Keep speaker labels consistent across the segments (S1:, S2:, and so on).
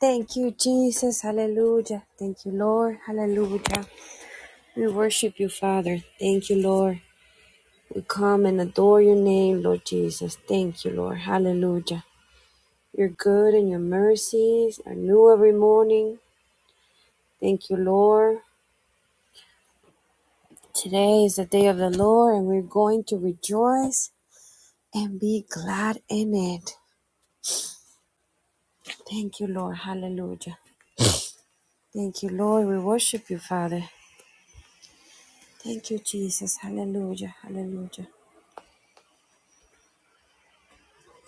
S1: Thank you, Jesus. Hallelujah. Thank you, Lord. Hallelujah. We worship you, Father. Thank you, Lord. We come and adore your name, Lord Jesus. Thank you, Lord. Hallelujah. You're good and your mercies are new every morning. Thank you, Lord. Today is the day of the Lord, and we're going to rejoice and be glad in it. Thank you, Lord. Hallelujah. Thank you, Lord. We worship you, Father. Thank you, Jesus. Hallelujah. Hallelujah.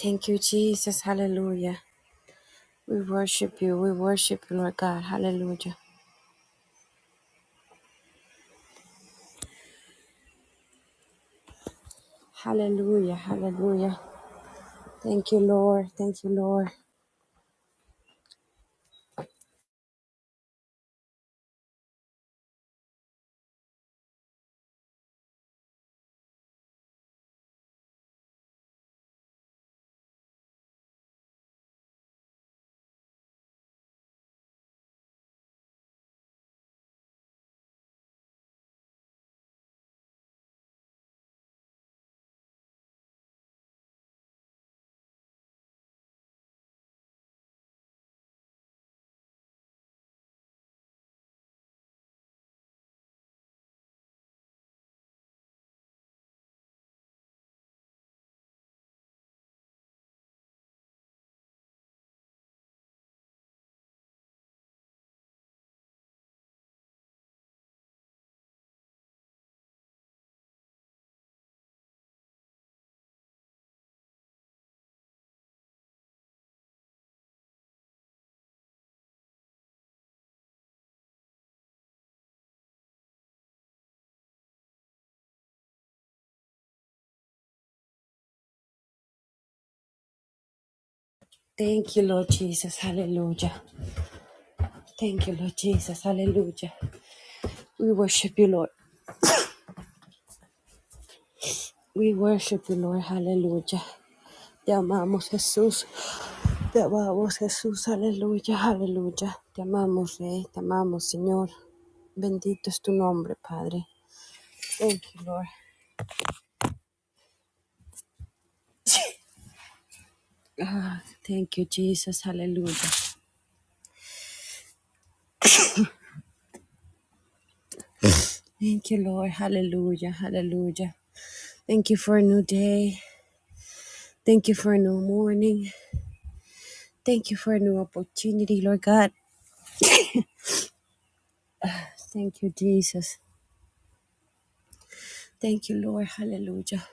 S1: Thank you, Jesus. Hallelujah. We worship you. We worship you, Lord God. Hallelujah. Hallelujah. Hallelujah. Thank you, Lord. Thank you, Lord. Thank you, Lord Jesus. Hallelujah. Thank you, Lord Jesus. Hallelujah. We worship you, Lord. We worship you, Lord. Hallelujah. Te amamos, Jesús. Te amamos, Jesús. Aleluya, aleluya. Te amamos, Rey. Te amamos, Señor. Bendito es tu nombre, Padre. Thank you, Lord. Ah, thank you, Jesus. Hallelujah. Thank you, Lord. Hallelujah. Hallelujah. Thank you for a new day. Thank you for a new morning. Thank you for a new opportunity, Lord God. Thank you, Jesus. Thank you, Lord. Hallelujah.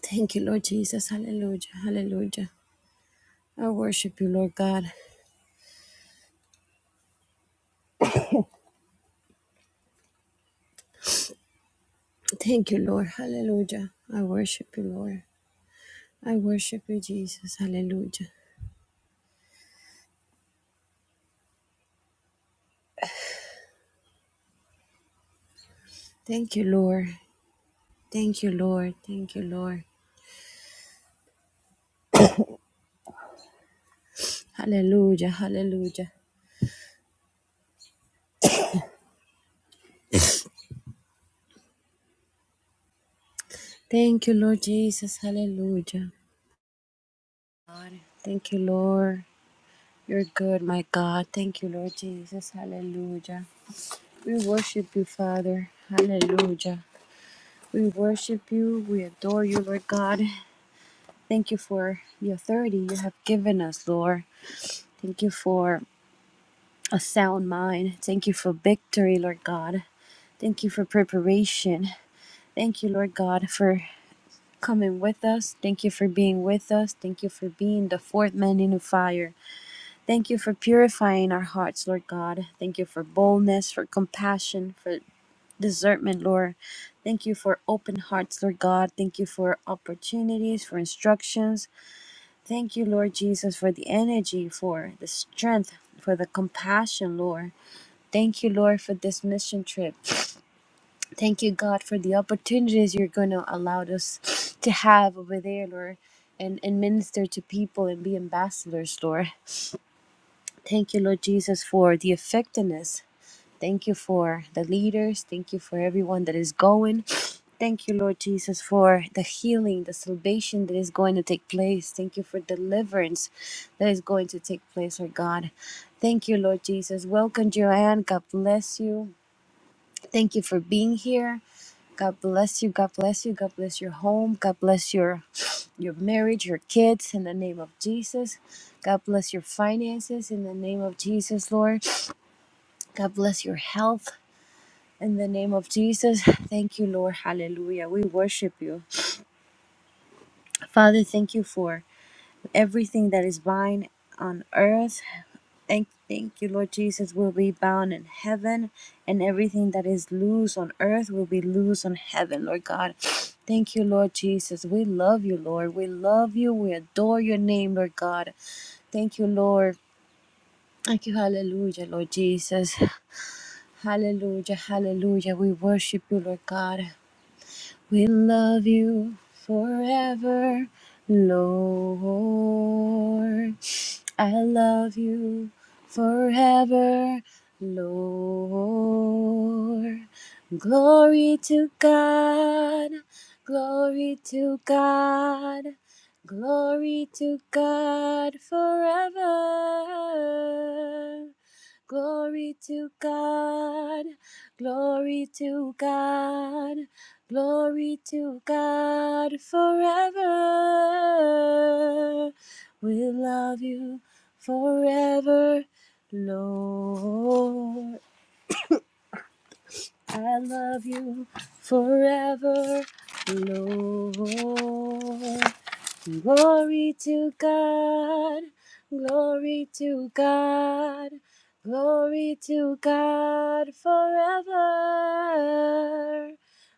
S1: Thank you, Lord Jesus. Hallelujah. Hallelujah. I worship you, Lord God. Thank you, Lord. Hallelujah. I worship you, Lord. I worship you, Jesus. Hallelujah. Thank you, Lord. Thank you, Lord. Thank you, Lord. Hallelujah. Hallelujah. Thank you, Lord Jesus. Hallelujah. Thank you, Lord. You're good, my God. Thank you, Lord Jesus. Hallelujah. We worship you, Father. Hallelujah. We worship you. We adore you, Lord God. Thank you for the authority you have given us, Lord. Thank you for a sound mind. Thank you for victory, Lord God. Thank you for preparation. Thank you, Lord God, for coming with us. Thank you for being with us. Thank you for being the fourth man in the fire. Thank you for purifying our hearts, Lord God. Thank you for boldness, for compassion, for discernment, Lord. Thank you for open hearts, Lord God. Thank you for opportunities, for instructions. Thank you, Lord Jesus, for the energy, for the strength, for the compassion, Lord. Thank you, Lord, for this mission trip. Thank you, God, for the opportunities you're going to allow us to have over there, Lord, and, and minister to people and be ambassadors, Lord. Thank you, Lord Jesus, for the effectiveness. Thank you for the leaders. Thank you for everyone that is going. Thank you, Lord Jesus, for the healing, the salvation that is going to take place. Thank you for deliverance that is going to take place, Lord God. Thank you, Lord Jesus. Welcome, Joanne. God bless you. Thank you for being here. God bless you. God bless you. God bless your home. God bless your your marriage, your kids in the name of Jesus. God bless your finances in the name of Jesus, Lord. God bless your health. In the name of Jesus, thank you, Lord. Hallelujah. We worship you. Father, thank you for everything that is bind on earth. Thank, thank you, Lord Jesus, will be bound in heaven, and everything that is loose on earth will be loose on heaven, Lord God. Thank you, Lord Jesus. We love you, Lord. We love you. We adore your name, Lord God. Thank you, Lord. Thank you, hallelujah, Lord Jesus. Hallelujah, hallelujah. We worship you, Lord God. We love you forever, Lord. I love you forever, Lord. Glory to God, glory to God, glory to God forever. Glory to God, glory to God, glory to God forever. We love you forever, Lord. I love you forever, Lord. Glory to God, glory to God, glory to God forever.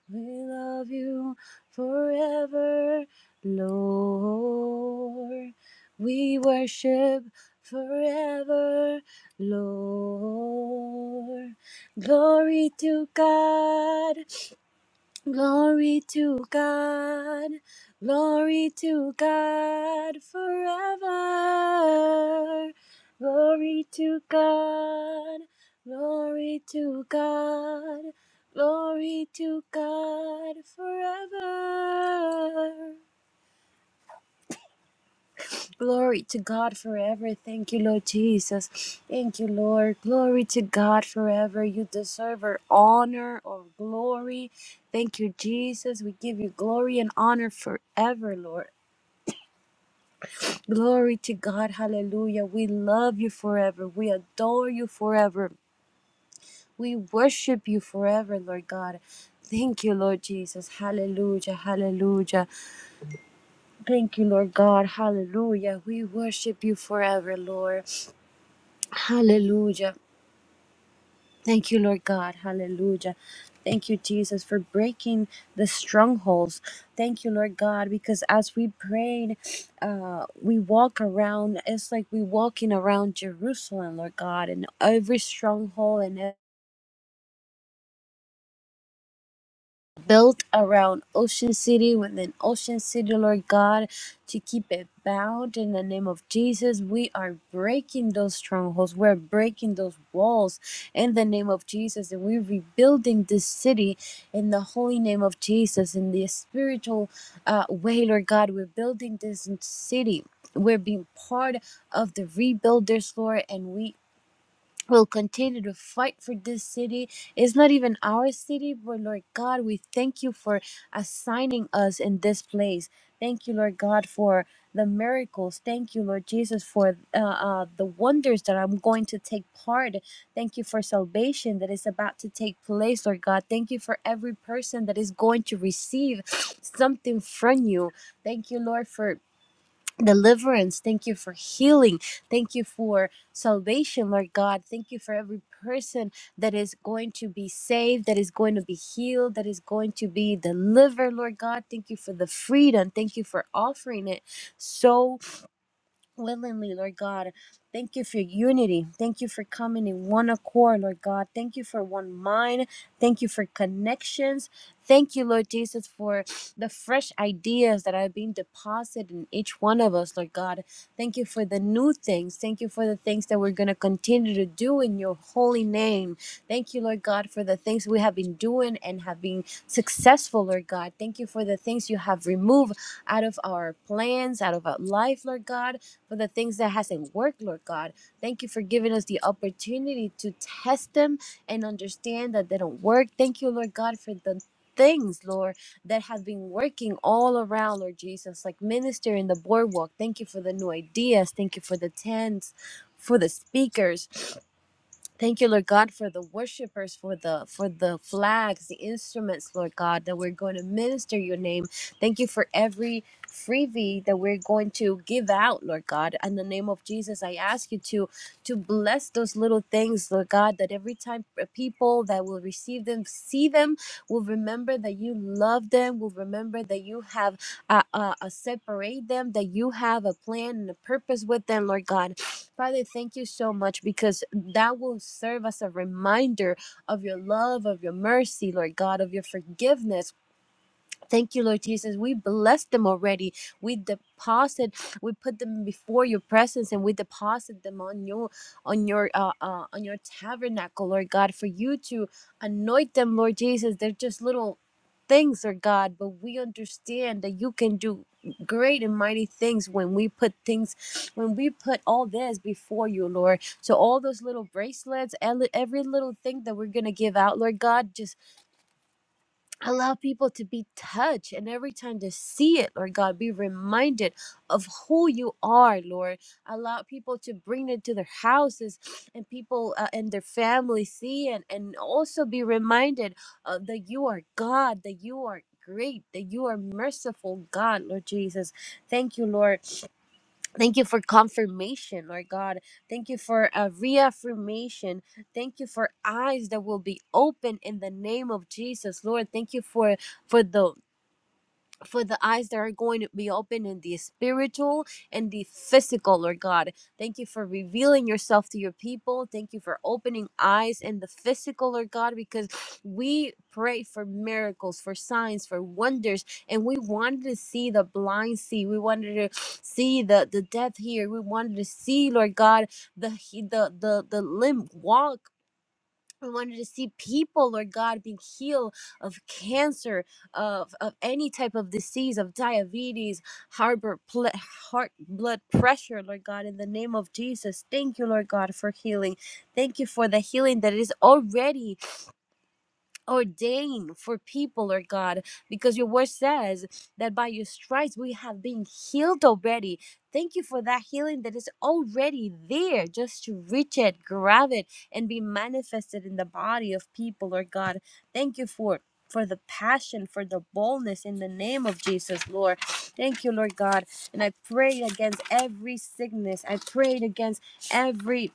S1: We love you forever, Lord. We worship forever, Lord. Glory to God, glory to God, glory to God forever. Glory to God, glory to God, glory to God forever. Glory to God forever. Thank you, Lord Jesus. Thank you, Lord. Glory to God forever. You deserve our honor or glory. Thank you, Jesus. We give you glory and honor forever, Lord. Glory to God. Hallelujah. We love you forever. We adore you forever. We worship you forever, Lord God. Thank you, Lord Jesus. Hallelujah. Hallelujah. Thank you, Lord God. Hallelujah. We worship you forever, Lord. Hallelujah. Thank you, Lord God. Hallelujah. Thank you, Jesus, for breaking the strongholds. Thank you, Lord God, because as we prayed, uh, we walk around. It's like we walking around Jerusalem, Lord God, and every stronghold and built around Ocean City with an Ocean City, Lord God, to keep it bound in the name of Jesus. We are breaking those strongholds. We're breaking those walls in the name of Jesus. And we're rebuilding this city in the holy name of Jesus. In the spiritual uh, way, Lord God, we're building this city. We're being part of the rebuilders, Lord, and we We'll continue to fight for this city. It's not even our city, but Lord God, we thank you for assigning us in this place. Thank you, Lord God, for the miracles. Thank you, Lord Jesus, for uh, uh, the wonders that I'm going to take part. Thank you for salvation that is about to take place, Lord God. Thank you for every person that is going to receive something from you. Thank you, Lord, for deliverance. Thank you for healing. Thank you for salvation, Lord God. Thank you for every person that is going to be saved, that is going to be healed, that is going to be delivered, Lord God. Thank you for the freedom. Thank you for offering it so willingly, Lord God. Thank you for unity. Thank you for coming in one accord, Lord God. Thank you for one mind. Thank you for connections. Thank you, Lord Jesus, for the fresh ideas that are being deposited in each one of us, Lord God. Thank you for the new things. Thank you for the things that we're going to continue to do in your holy name. Thank you, Lord God, for the things we have been doing and have been successful, Lord God. Thank you for the things you have removed out of our plans, out of our life, Lord God for the things that hasn't worked, Lord God. Thank you for giving us the opportunity to test them and understand that they don't work. Thank you, Lord God, for the things, Lord, that have been working all around, Lord Jesus, like minister in the boardwalk. Thank you for the new ideas. Thank you for the tents, for the speakers. Thank you, Lord God, for the worshipers, for the for the flags, the instruments, Lord God, that we're going to minister your name. Thank you for every freebie that we're going to give out, Lord God. In the name of Jesus, I ask you to to bless those little things, Lord God, that every time people that will receive them, see them, will remember that you love them, will remember that you have uh, uh, uh, separate them, that you have a plan and a purpose with them, Lord God. Father, thank you so much because that will serve as a reminder of your love, of your mercy, Lord God, of your forgiveness. Thank you, Lord Jesus. We bless them already. We deposit, we put them before your presence, and we deposit them on your, on your, uh, uh, on your tabernacle, Lord God, for you to anoint them, Lord Jesus. They're just little things, Lord God, but we understand that you can do great and mighty things when we put things, when we put all this before you, Lord. So all those little bracelets, ele- every little thing that we're gonna give out, Lord God, just Allow people to be touched and every time to see it, Lord God, be reminded of who you are, Lord. Allow people to bring it to their houses and people uh, and their family see it and also be reminded uh, that you are God, that you are great, that you are merciful, God, Lord Jesus. Thank you, Lord Thank you for confirmation, Lord God. Thank you for a reaffirmation. Thank you for eyes that will be open in the name of Jesus, Lord. Thank you for for the for the eyes that are going to be open in the spiritual and the physical, Lord God. Thank you for revealing yourself to your people. Thank you for opening eyes in the physical, Lord God, because we pray for miracles, for signs, for wonders, and we wanted to see the blind see. We wanted to see the the deaf hear. We wanted to see, Lord God, the he- the the the limb walk. We wanted to see people, Lord God, being healed of cancer, of, of any type of disease, of diabetes, harbor ple- heart blood pressure, Lord God, in the name of Jesus. Thank you, Lord God, for healing. Thank you for the healing that is already ordain for people, Lord God, because your word says that by your stripes we have been healed already. Thank you for that healing that is already there, just to reach it, grab it, and be manifested in the body of people, Lord God. Thank you for. For the passion, for the boldness in the name of Jesus, Lord. Thank you, Lord God. And I prayed against every sickness. I prayed against every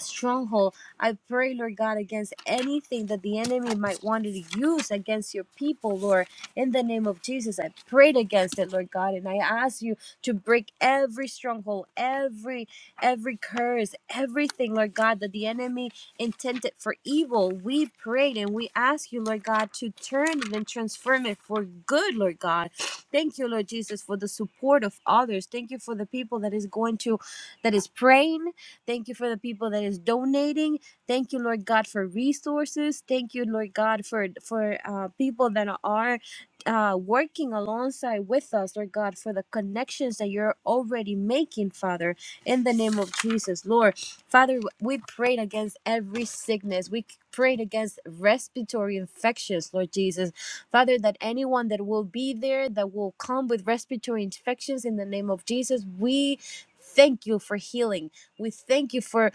S1: stronghold. I pray, Lord God, against anything that the enemy might want to use against your people, Lord. In the name of Jesus, I prayed against it, Lord God, and I ask you to break every stronghold, every every curse, everything, Lord God, that the enemy intended for evil. We prayed and we ask you, Lord God, to turn it and transform it for good, Lord God. Thank you, Lord Jesus, for the support of others. Thank you for the people that is going to that is praying Thank you for the people that is donating. Thank you, Lord God, for resources. Thank you, Lord God, for for uh, people that are uh, working alongside with us, Lord God, for the connections that you're already making, Father, in the name of Jesus, Lord. Father, we prayed against every sickness. We prayed against respiratory infections, Lord Jesus. Father, that anyone that will be there, that will come with respiratory infections in the name of Jesus, we thank you for healing. We thank you for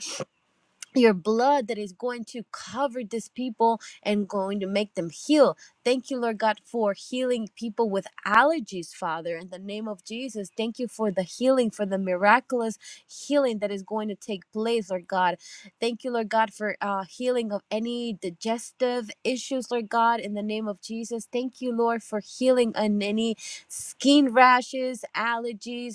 S1: your blood that is going to cover this people and going to make them heal. Thank you, Lord God, for healing people with allergies, Father, in the name of Jesus. Thank you for the healing, for the miraculous healing that is going to take place, Lord God. Thank you, Lord God, for uh, healing of any digestive issues, Lord God, in the name of Jesus. Thank you, Lord, for healing on any skin rashes, allergies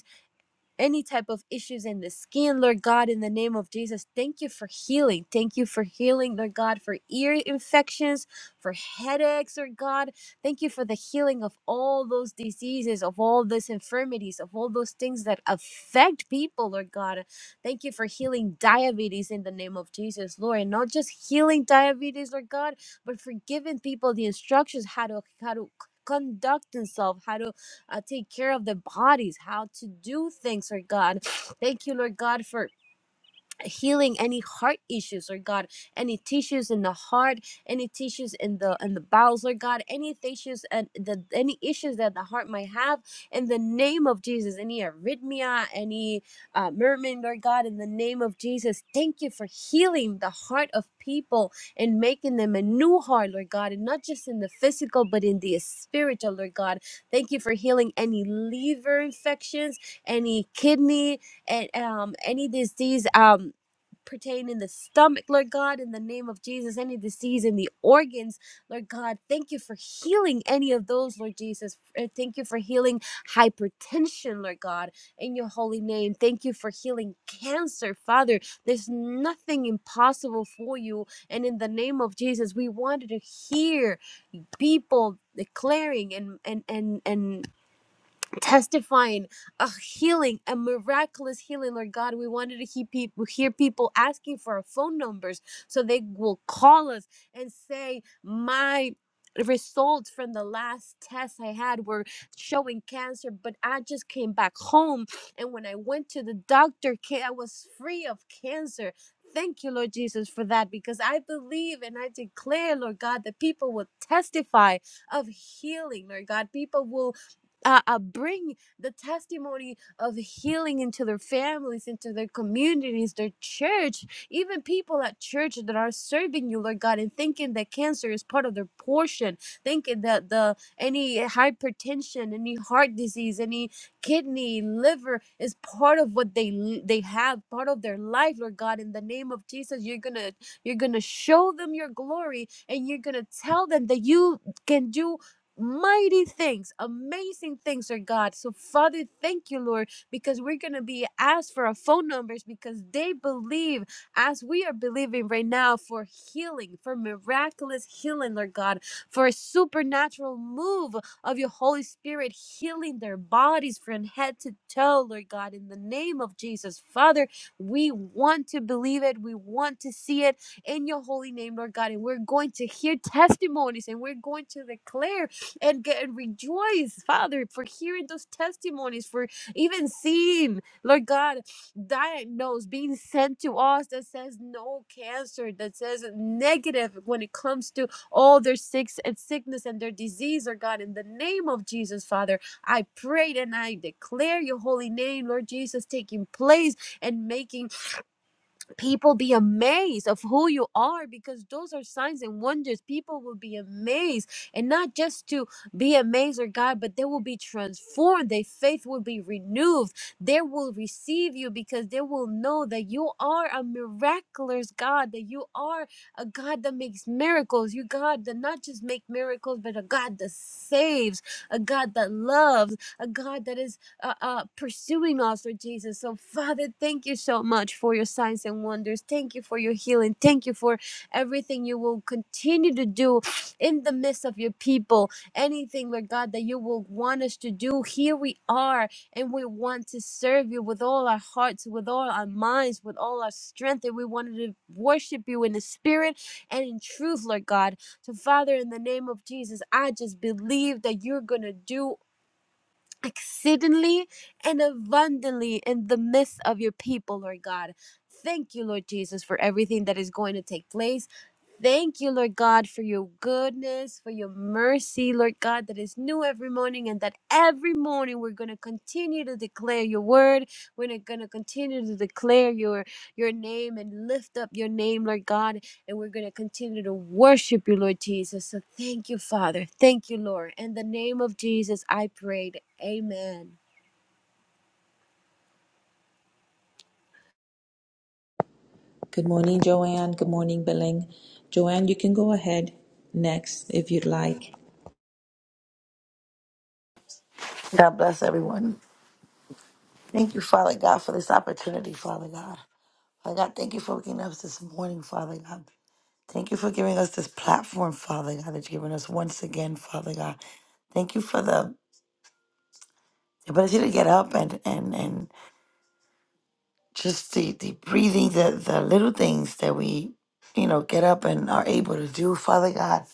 S1: any type of issues in the skin, Lord God, in the name of Jesus. Thank you for healing. Thank you for healing, Lord God, for ear infections, for headaches, Lord God. Thank you for the healing of all those diseases, of all those infirmities, of all those things that affect people, Lord God. Thank you for healing diabetes in the name of Jesus, Lord. And not just healing diabetes, Lord God, but for giving people the instructions how to how to conduct themselves, how to uh, take care of their bodies, how to do things, Lord God. Thank you, Lord God, for healing any heart issues or god any tissues in the heart any tissues in the in the bowels or god any tissues and the any issues that the heart might have in the name of jesus any arrhythmia any uh, mermaid or god in the name of jesus thank you for healing the heart of people and making them a new heart lord god and not just in the physical but in the spiritual lord god thank you for healing any liver infections any kidney and um any disease um pertaining the stomach, Lord God, in the name of Jesus, any disease in the organs, Lord God, thank you for healing any of those, Lord Jesus. Uh, Thank you for healing hypertension, Lord God, in your holy name. Thank you for healing cancer, Father. There's nothing impossible for you. And in the name of Jesus, we wanted to hear people declaring and and and and testifying a healing a miraculous healing lord god we wanted to hear people hear people asking for our phone numbers so they will call us and say my results from the last test i had were showing cancer but i just came back home and when i went to the doctor ca- i was free of cancer Thank you, Lord Jesus, for that because I believe and I declare, Lord God, that people will testify of healing, Lord God. People will uh, uh, bring the testimony of healing into their families, into their communities, their church, even people at church that are serving you, Lord God, and thinking that cancer is part of their portion, thinking that the any hypertension, any heart disease, any kidney, liver is part of what they they have, part of their life, Lord God. In the name of Jesus, you're gonna you're gonna show them your glory, and you're gonna tell them that you can do Mighty things, amazing things are God. So, Father, thank you, Lord, because we're going to be asked for our phone numbers because they believe as we are believing right now for healing, for miraculous healing, Lord God, for a supernatural move of your Holy Spirit healing their bodies from head to toe, Lord God, in the name of Jesus. Father, we want to believe it. We want to see it in your holy name, Lord God. And we're going to hear testimonies and we're going to declare and get and rejoice, Father, for hearing those testimonies, for even seeing, Lord God, diagnosed, being sent to us that says no cancer, that says negative when it comes to all their sick and sickness and their disease, Lord God, in the name of Jesus, Father, I prayed and I declare your holy name, Lord Jesus, taking place and making people be amazed of who you are because those are signs and wonders people will be amazed and not just to be amazed or god but they will be transformed their faith will be renewed they will receive you because they will know that you are a miraculous god that you are a god that makes miracles you god that not just make miracles but a god that saves a god that loves a god that is uh, uh, pursuing us, Lord Jesus. So, Father, thank you so much for your signs and wonders. Thank you for your healing. Thank you for everything you will continue to do in the midst of your people. Anything, Lord God, that you will want us to do, here we are, and we want to serve you with all our hearts, with all our minds, with all our strength, and we wanted to worship you in the spirit and in truth, Lord God. So, Father, in the name of Jesus, I just believe that you're going to do exceedingly and abundantly in the midst of your people, Lord God. Thank you, Lord Jesus, for everything that is going to take place. Thank you, Lord God, for your goodness, for your mercy, Lord God, that is new every morning, and that every morning we're going to continue to declare your word. We're going to continue to declare your your name and lift up your name, Lord God, and we're going to continue to worship you, Lord Jesus. So thank you, Father. Thank you, Lord. In the name of Jesus, I prayed. Amen.
S2: Good morning, Joanne. Good morning, Billing. Joanne, you can go ahead next if you'd like.
S3: God bless everyone. Thank you, Father God, for this opportunity, Father God. Father God, thank you for waking us this morning, Father God. Thank you for giving us this platform, Father God, that you've given us once again, Father God. Thank you for the ability to get up and and and just the, the breathing, the the little things that we, you know, get up and are able to do, Father God,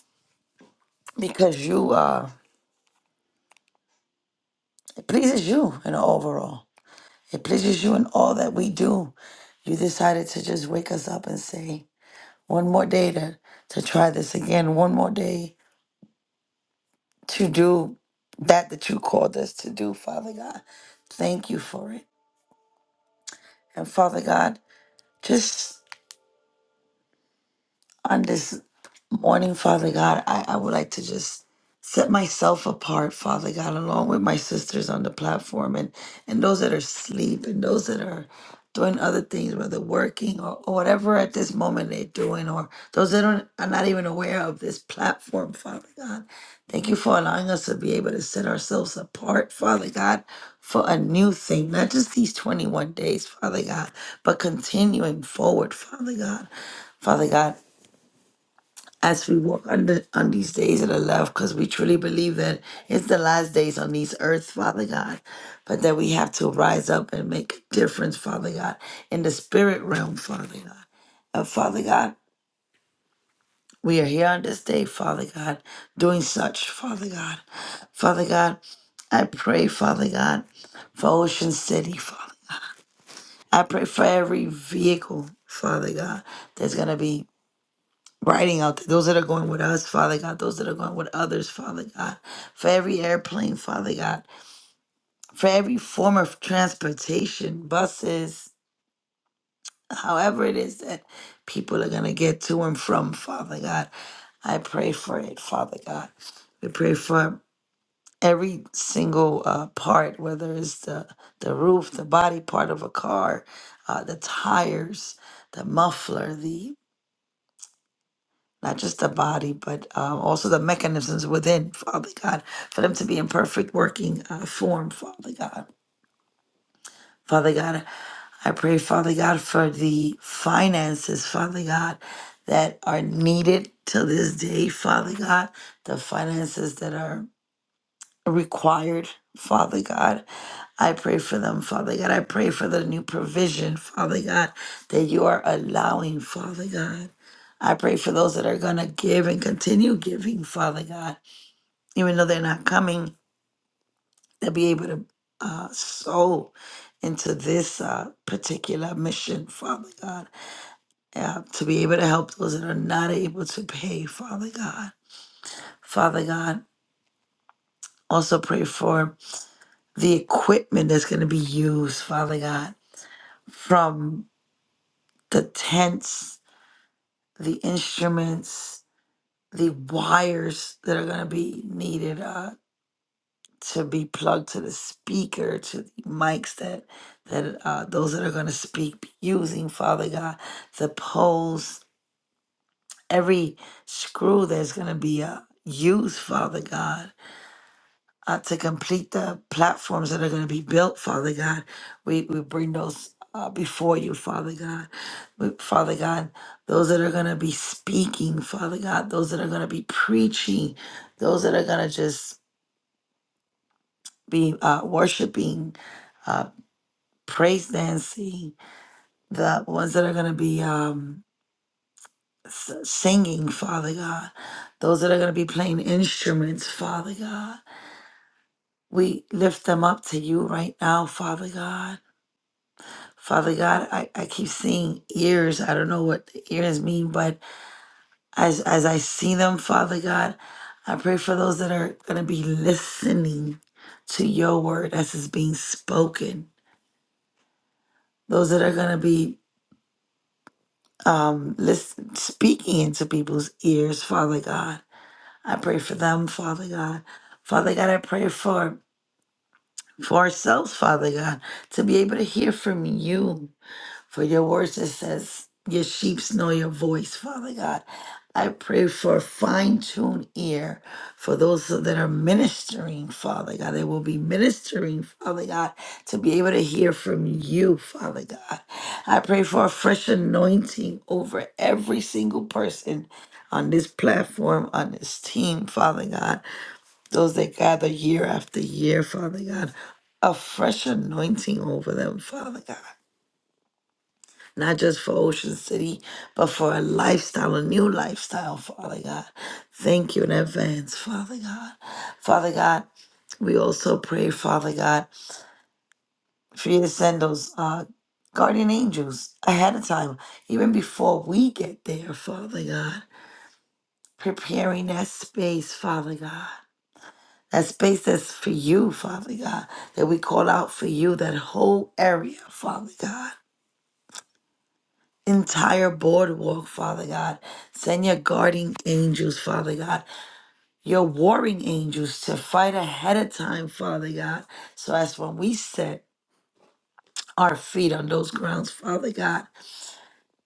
S3: because you uh it pleases you in overall. It pleases you in all that we do. You decided to just wake us up and say, One more day to, to try this again. One more day to do that that you called us to do, Father God. Thank you for it. And Father God, just on this morning, Father God, I, I would like to just set myself apart, Father God, along with my sisters on the platform and, and those that are asleep and those that are doing other things, whether working or, or whatever at this moment they're doing, or those that don't, are not even aware of this platform, Father God. Thank you for allowing us to be able to set ourselves apart, Father God, for a new thing, not just these 21 days, Father God, but continuing forward, Father God. Father God, as we walk under on these days of the left, because we truly believe that it's the last days on these earth, Father God, but that we have to rise up and make a difference, Father God, in the spirit realm, Father God. And Father God, we are here on this day, Father God, doing such, Father God. Father God, I pray, Father God, for Ocean City, Father. I pray for every vehicle, Father God, that's going to be writing out there, those that are going with us, Father God, those that are going with others, Father God, for every airplane, Father God, for every form of transportation, buses, however it is that people are going to get to and from, Father God. I pray for it, Father God. We pray for every single uh, part, whether it's the, the roof, the body part of a car, uh, the tires, the muffler, not just the body, but um, also the mechanisms within, Father God, for them to be in perfect working uh, form, Father God. Father God, I pray, Father God, for the finances, Father God, that are needed to this day, Father God, the finances that are required, Father God. I pray for them, Father God. I pray for the new provision, Father God, that you are allowing, Father God. I pray for those that are going to give and continue giving, Father God, even though they're not coming, they'll be able to uh, sow into this uh, particular mission, Father God, uh, to be able to help those that are not able to pay, Father God. Father God, also pray for the equipment that's going to be used, Father God, from the tents, the instruments, the wires that are going to be needed uh, to be plugged to the speaker, to the mics that that uh, those that are going to speak be using, Father God, the poles, every screw that's going to be uh, used, Father God uh, to complete the platforms that are going to be built, Father God. We, we bring those uh, before you, Father God. We- Father God, those that are going to be speaking, Father God, those that are going to be preaching, those that are going to just be uh, worshiping, uh, praise dancing, the ones that are going to be um, s- singing, Father God, those that are going to be playing instruments, Father God. We lift them up to you right now, Father God. Father God, I, I keep seeing ears. I don't know what the ears mean, but as as I see them, Father God, I pray for those that are gonna be listening to your word as it's being spoken. Those that are gonna be um listen, speaking into people's ears, Father God. I pray for them, Father God. Father God, I pray for for ourselves, Father God, to be able to hear from you. For your words it says, Your sheeps know your voice, Father God. I pray for a fine-tuned ear for those that are ministering, Father God. They will be ministering, Father God, to be able to hear from you, Father God. I pray for a fresh anointing over every single person on this platform, on this team, Father God. Those that gather year after year, Father God. A fresh anointing over them, Father God not just for Ocean City, but for a lifestyle, a new lifestyle, Father God. Thank you in advance, Father God. Father God, we also pray, Father God, for you to send those uh, guardian angels ahead of time, even before we get there, Father God. Preparing that space, Father God. That space that's for you, Father God, that we call out for you, that whole area, Father God. entire boardwalk, Father God. Send your guarding angels, Father God, your warring angels to fight ahead of time, Father God. So as when we set our feet on those grounds, Father God,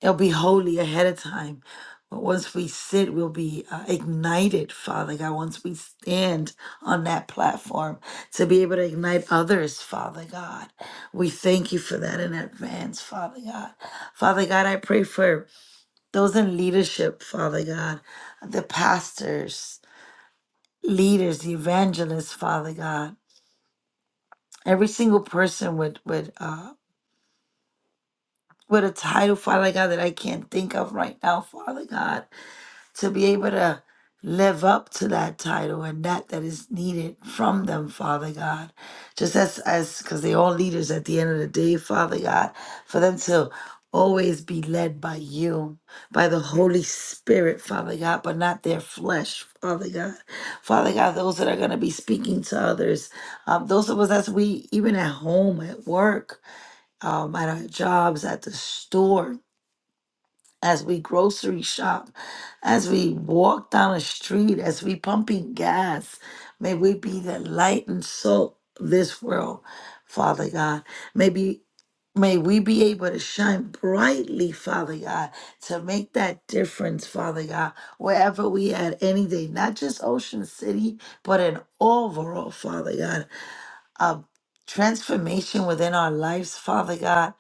S3: it'll be holy ahead of time. But once we sit, we'll be uh, ignited, Father God. Once we stand on that platform to be able to ignite others, Father God. We thank you for that in advance, Father God. Father God, I pray for those in leadership, Father God, the pastors, leaders, evangelists, Father God, every single person with with uh with a title, Father God, that I can't think of right now, Father God. to be able to live up to that title and that that is needed from them, Father God. Just as as because they all leaders at the end of the day, Father God, for them to always be led by you, by the Holy Spirit, Father God, but not their flesh, Father God. Father God, those that are going to be speaking to others, um, those of us that's we even at home, at work, um, at our jobs, at the store, as we grocery shop, as we walk down a street, as we pumping gas. May we be the light and salt of this world, Father God. May be, may we be able to shine brightly, Father God, to make that difference, Father God, wherever we at any day, not just Ocean City, but an overall, Father God, a transformation within our lives, Father God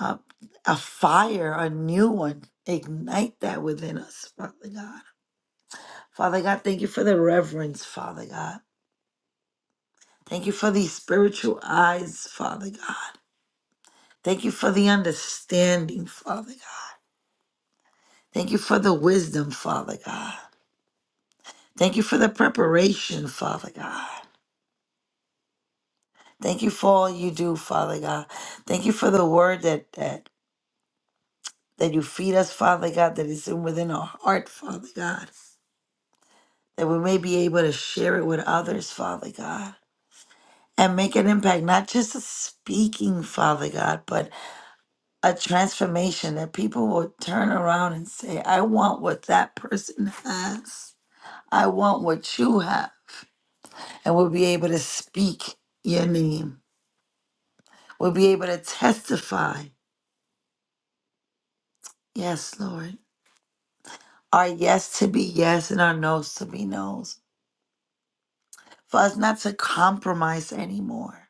S3: uh, a fire, a new one. Ignite that within us, Father God. Father God, thank you for the reverence, Father God. Thank you for these spiritual eyes, Father God. Thank you for the understanding, Father God. Thank you for the wisdom, Father God. Thank you for the preparation, Father God. Thank you for all you do, Father God. Thank you for the word that that that you feed us, Father God, that is in within our heart, Father God, that we may be able to share it with others, Father God. and make an impact, not just a speaking, Father God, but a transformation that people will turn around and say, I want what that person has. I want what you have. And we'll be able to speak your name. We'll be able to testify. Yes, Lord. Our yes to be yes and our no's to be no's. For us not to compromise anymore.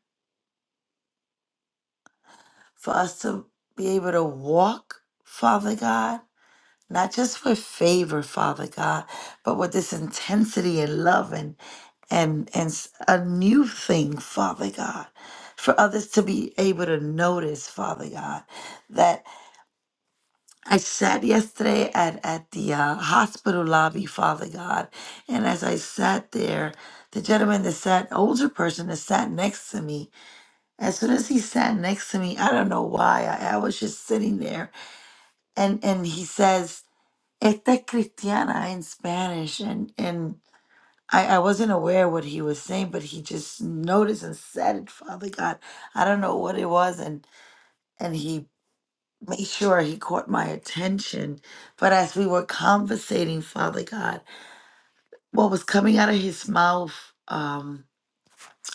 S3: For us to be able to walk, Father God. not just for favor, Father God, but with this intensity and love and and and s- a new thing, Father God, for others to be able to notice, Father God, that I sat yesterday at at the uh, hospital lobby, Father God, and as I sat there, the gentleman that sat, older person that sat next to me, as soon as he sat next to me, I don't know why, I, I was just sitting there, and and he says. Esta Cristiana in Spanish, and and I, I wasn't aware what he was saying, but he just noticed and said it, Father God. I don't know what it was, and and he made sure he caught my attention. But as we were conversating, Father God, what was coming out of his mouth um,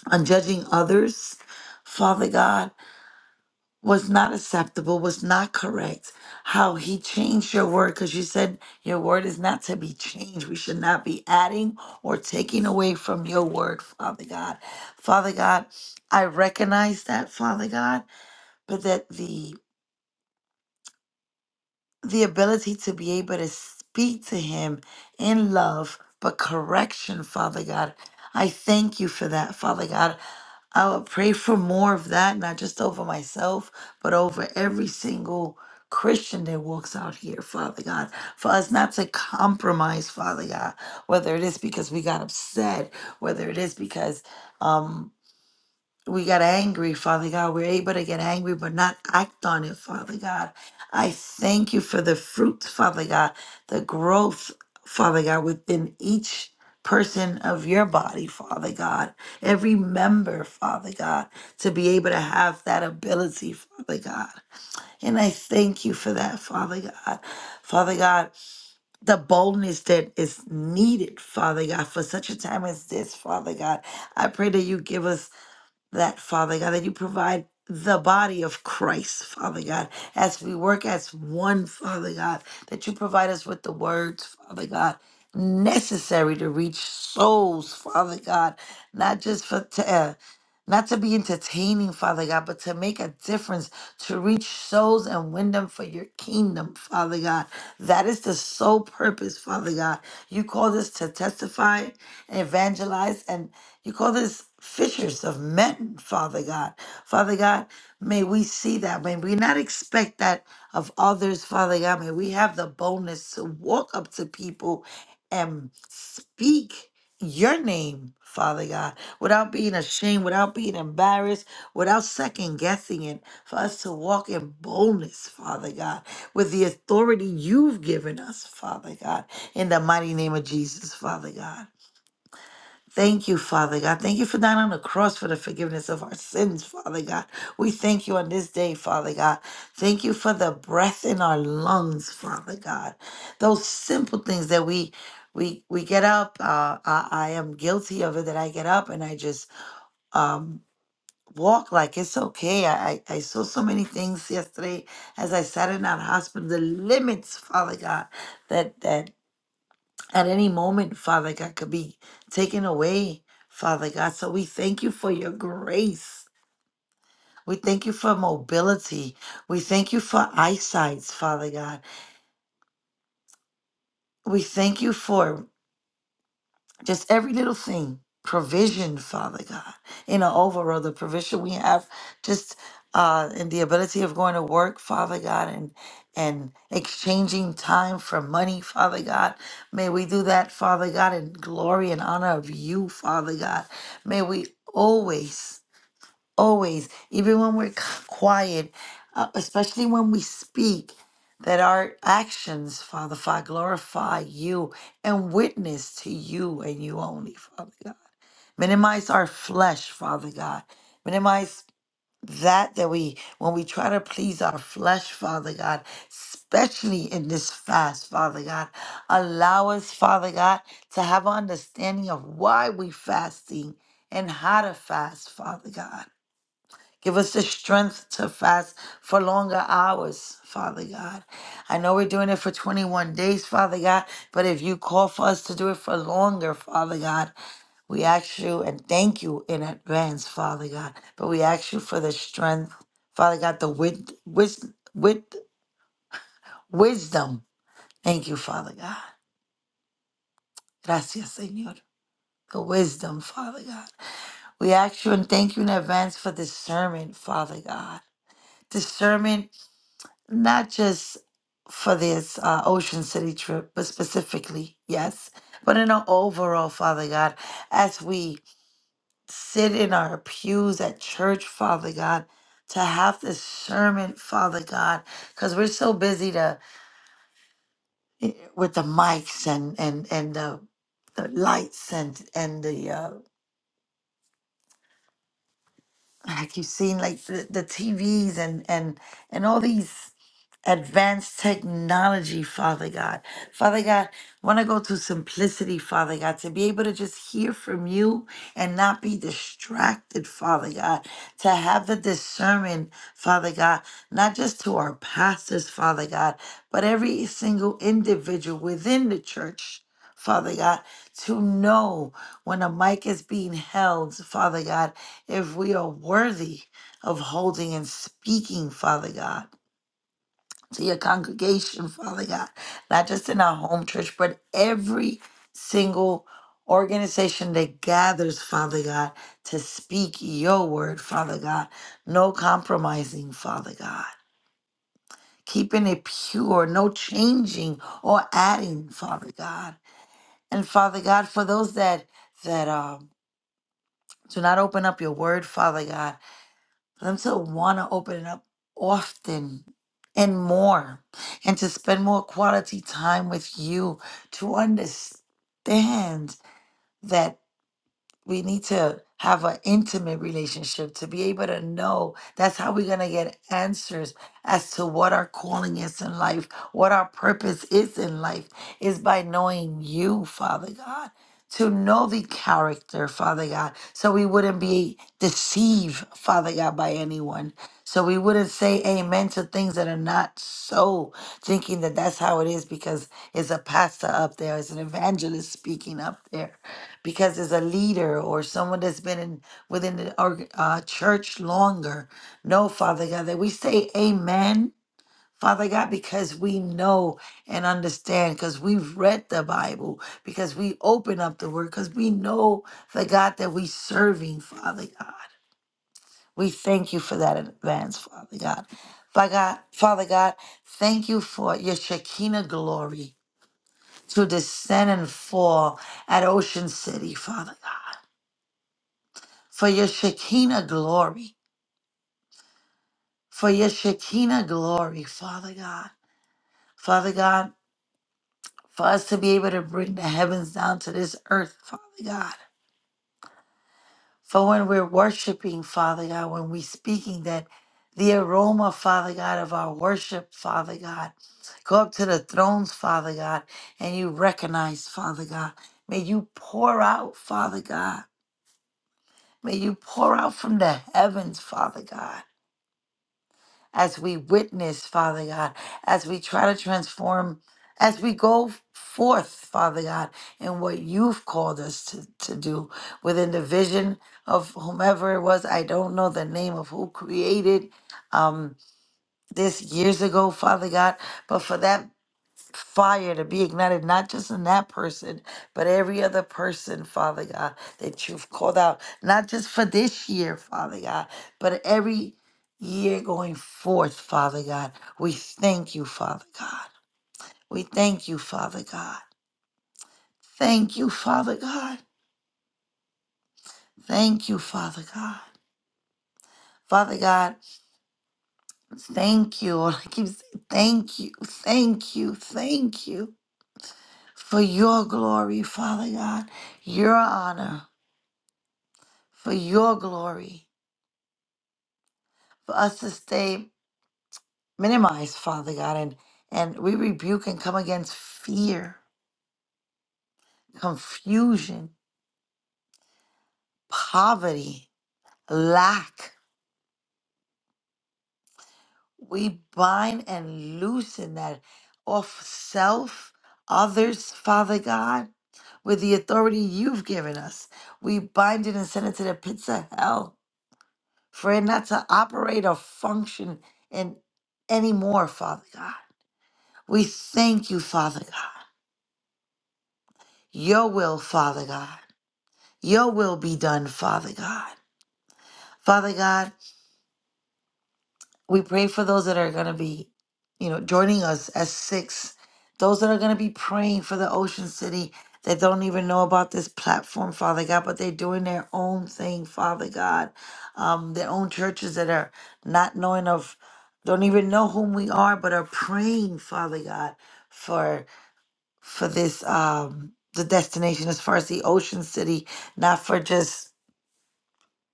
S3: on judging others, Father God. was not acceptable, was not correct. How he changed your word because you said your word is not to be changed. We should not be adding or taking away from your word, Father God. Father God, I recognize that, Father God, but that the the ability to be able to speak to him in love, but correction, Father God. I thank you for that, Father God. I would pray for more of that, not just over myself, but over every single Christian that walks out here, Father God, for us not to compromise, Father God, whether it is because we got upset, whether it is because um, we got angry, Father God. We're able to get angry, but not act on it, Father God. I thank you for the fruits, Father God, the growth, Father God, within each person of your body, Father God. Every member, Father God, to be able to have that ability, Father God. And I thank you for that, Father God. Father God, the boldness that is needed, Father God, for such a time as this, Father God. I pray that you give us that, Father God, that you provide the body of Christ, Father God, as we work as one, Father God, that you provide us with the words, Father God, necessary to reach souls, Father God, not just for. T- uh, not to be entertaining, Father God, but to make a difference, to reach souls and win them for your kingdom, Father God. That is the sole purpose, Father God. You called us to testify and evangelize. And you call this fishers of men, Father God. Father God, may we see that. May we not expect that of others, Father God. May we have the boldness to walk up to people and speak your name, Father God, without being ashamed, without being embarrassed, without second guessing it, for us to walk in boldness, Father God, with the authority you've given us, Father God, in the mighty name of Jesus, Father God. Thank you, Father God. Thank you for dying on the cross for the forgiveness of our sins, Father God. We thank you on this day, Father God. Thank you for the breath in our lungs, Father God. Those simple things that we we we get up. Uh, I, I am guilty of it that I get up and I just um, walk like it's okay. I I I saw so many things yesterday as I sat in that hospital. The limits, Father God, that that at any moment, Father God, could be taken away, Father God. So we thank you for your grace. We thank you for mobility. We thank you for eyesight, Father God. We thank you for just every little thing provision father god in an overall the provision we have just uh in the ability of going to work father god and and exchanging time for money father god may we do that father god in glory and honor of you father god may we always always, even when we're c- quiet, uh, especially when we speak, that our actions, Father, Father, glorify you and witness to you and you only, Father God. Minimize our flesh, Father God. Minimize that that we when we try to please our flesh father god especially in this fast father god allow us father god to have understanding of why we fasting and how to fast father god Give us the strength to fast for longer hours, Father God. I know we're doing it for 21 days, Father God, but if you call for us to do it for longer, Father God, we ask you and thank you in advance, Father God. But we ask you for the strength, Father God, the wit, wis, wit, wisdom. Thank you, Father God. Gracias, Señor. The wisdom, Father God. We ask you and thank you in advance for discernment, Father God. Discernment not just for this uh, Ocean City trip, but specifically, yes, but in an overall, Father God, as we sit in our pews at church, Father God, to have discernment, Father God, because we're so busy to eh, with the mics and and and the the lights and and the uh, like you've seen like the, the TVs and and and all these. advanced technology, Father God. Father God, want to go to simplicity, Father God, to be able to just hear from you and not be distracted, Father God, to have the discernment, Father God, not just to our pastors, Father God, but every single individual within the church. Father God, to know when a mic is being held, Father God, if we are worthy of holding and speaking, Father God to your congregation, Father God, not just in our home church, but every single organization that gathers, Father God, to speak your word, Father God. No compromising, Father God. Keeping it pure, no changing or adding, Father God. And Father God, for those that that um do not open up your word, Father God. for them to want to open it up often and more and to spend more quality time with you to understand that we need to have an intimate relationship to be able to know that's how we're going to get answers as to what our calling is in life what our purpose is in life is by knowing you father god to know the character father god so we wouldn't be deceived father god by anyone so we wouldn't say amen to things that are not so thinking that that's how it is because it's a pastor up there it's an evangelist speaking up there because as a leader or someone that's been in within the org- uh, church longer no father god that we say amen father god because we know and understand because we've read the bible because we open up the word because we know the god that we serving father god we thank you for that in advance father god father god father god thank you for your shekinah glory to descend and fall at ocean city father god for your Shekinah glory, for your Shekinah glory, Father God. Father God, for us to be able to bring the heavens down to this earth, Father God. For when we're worshiping, Father God, when we're speaking, that the aroma, Father God, of our worship, Father God, go up to the thrones, Father God, and you recognize, Father God. May you pour out, Father God. May you pour out from the heavens, Father God. as we witness, Father God, as we try to transform, as we go forth, Father God, in what you've called us to, to do within the vision of whomever it was. I don't know the name of who created um, this years ago, Father God, but for that fire to be ignited, not just in that person, but every other person, Father God, that you've called out, not just for this year, Father God, but every year going forth, Father God. We thank you, Father God. We thank you, Father God. Thank you, Father God. Thank you, Father God. Father God, thank you. I keep saying thank you, thank you, thank you for your glory, Father God, your honor for your glory, for us to stay minimized, Father God, and and we rebuke and come against fear, confusion, poverty, lack. We bind and loosen that off self, others, Father God, with the authority you've given us. We bind it and send it to the pits of hell for it not to operate or function in anymore, Father God. We thank you, Father God. Your will, Father God. Your will be done, Father God. Father God, we pray for those that are going to be, you know, joining us at six, those that are going to be praying for the Ocean City that don't even know about this platform, Father God, but they're doing their own thing, Father God. Um, their own churches that are not knowing of, don't even know whom we are, but are praying, Father God, for for this um the destination as far as the Ocean City, not for just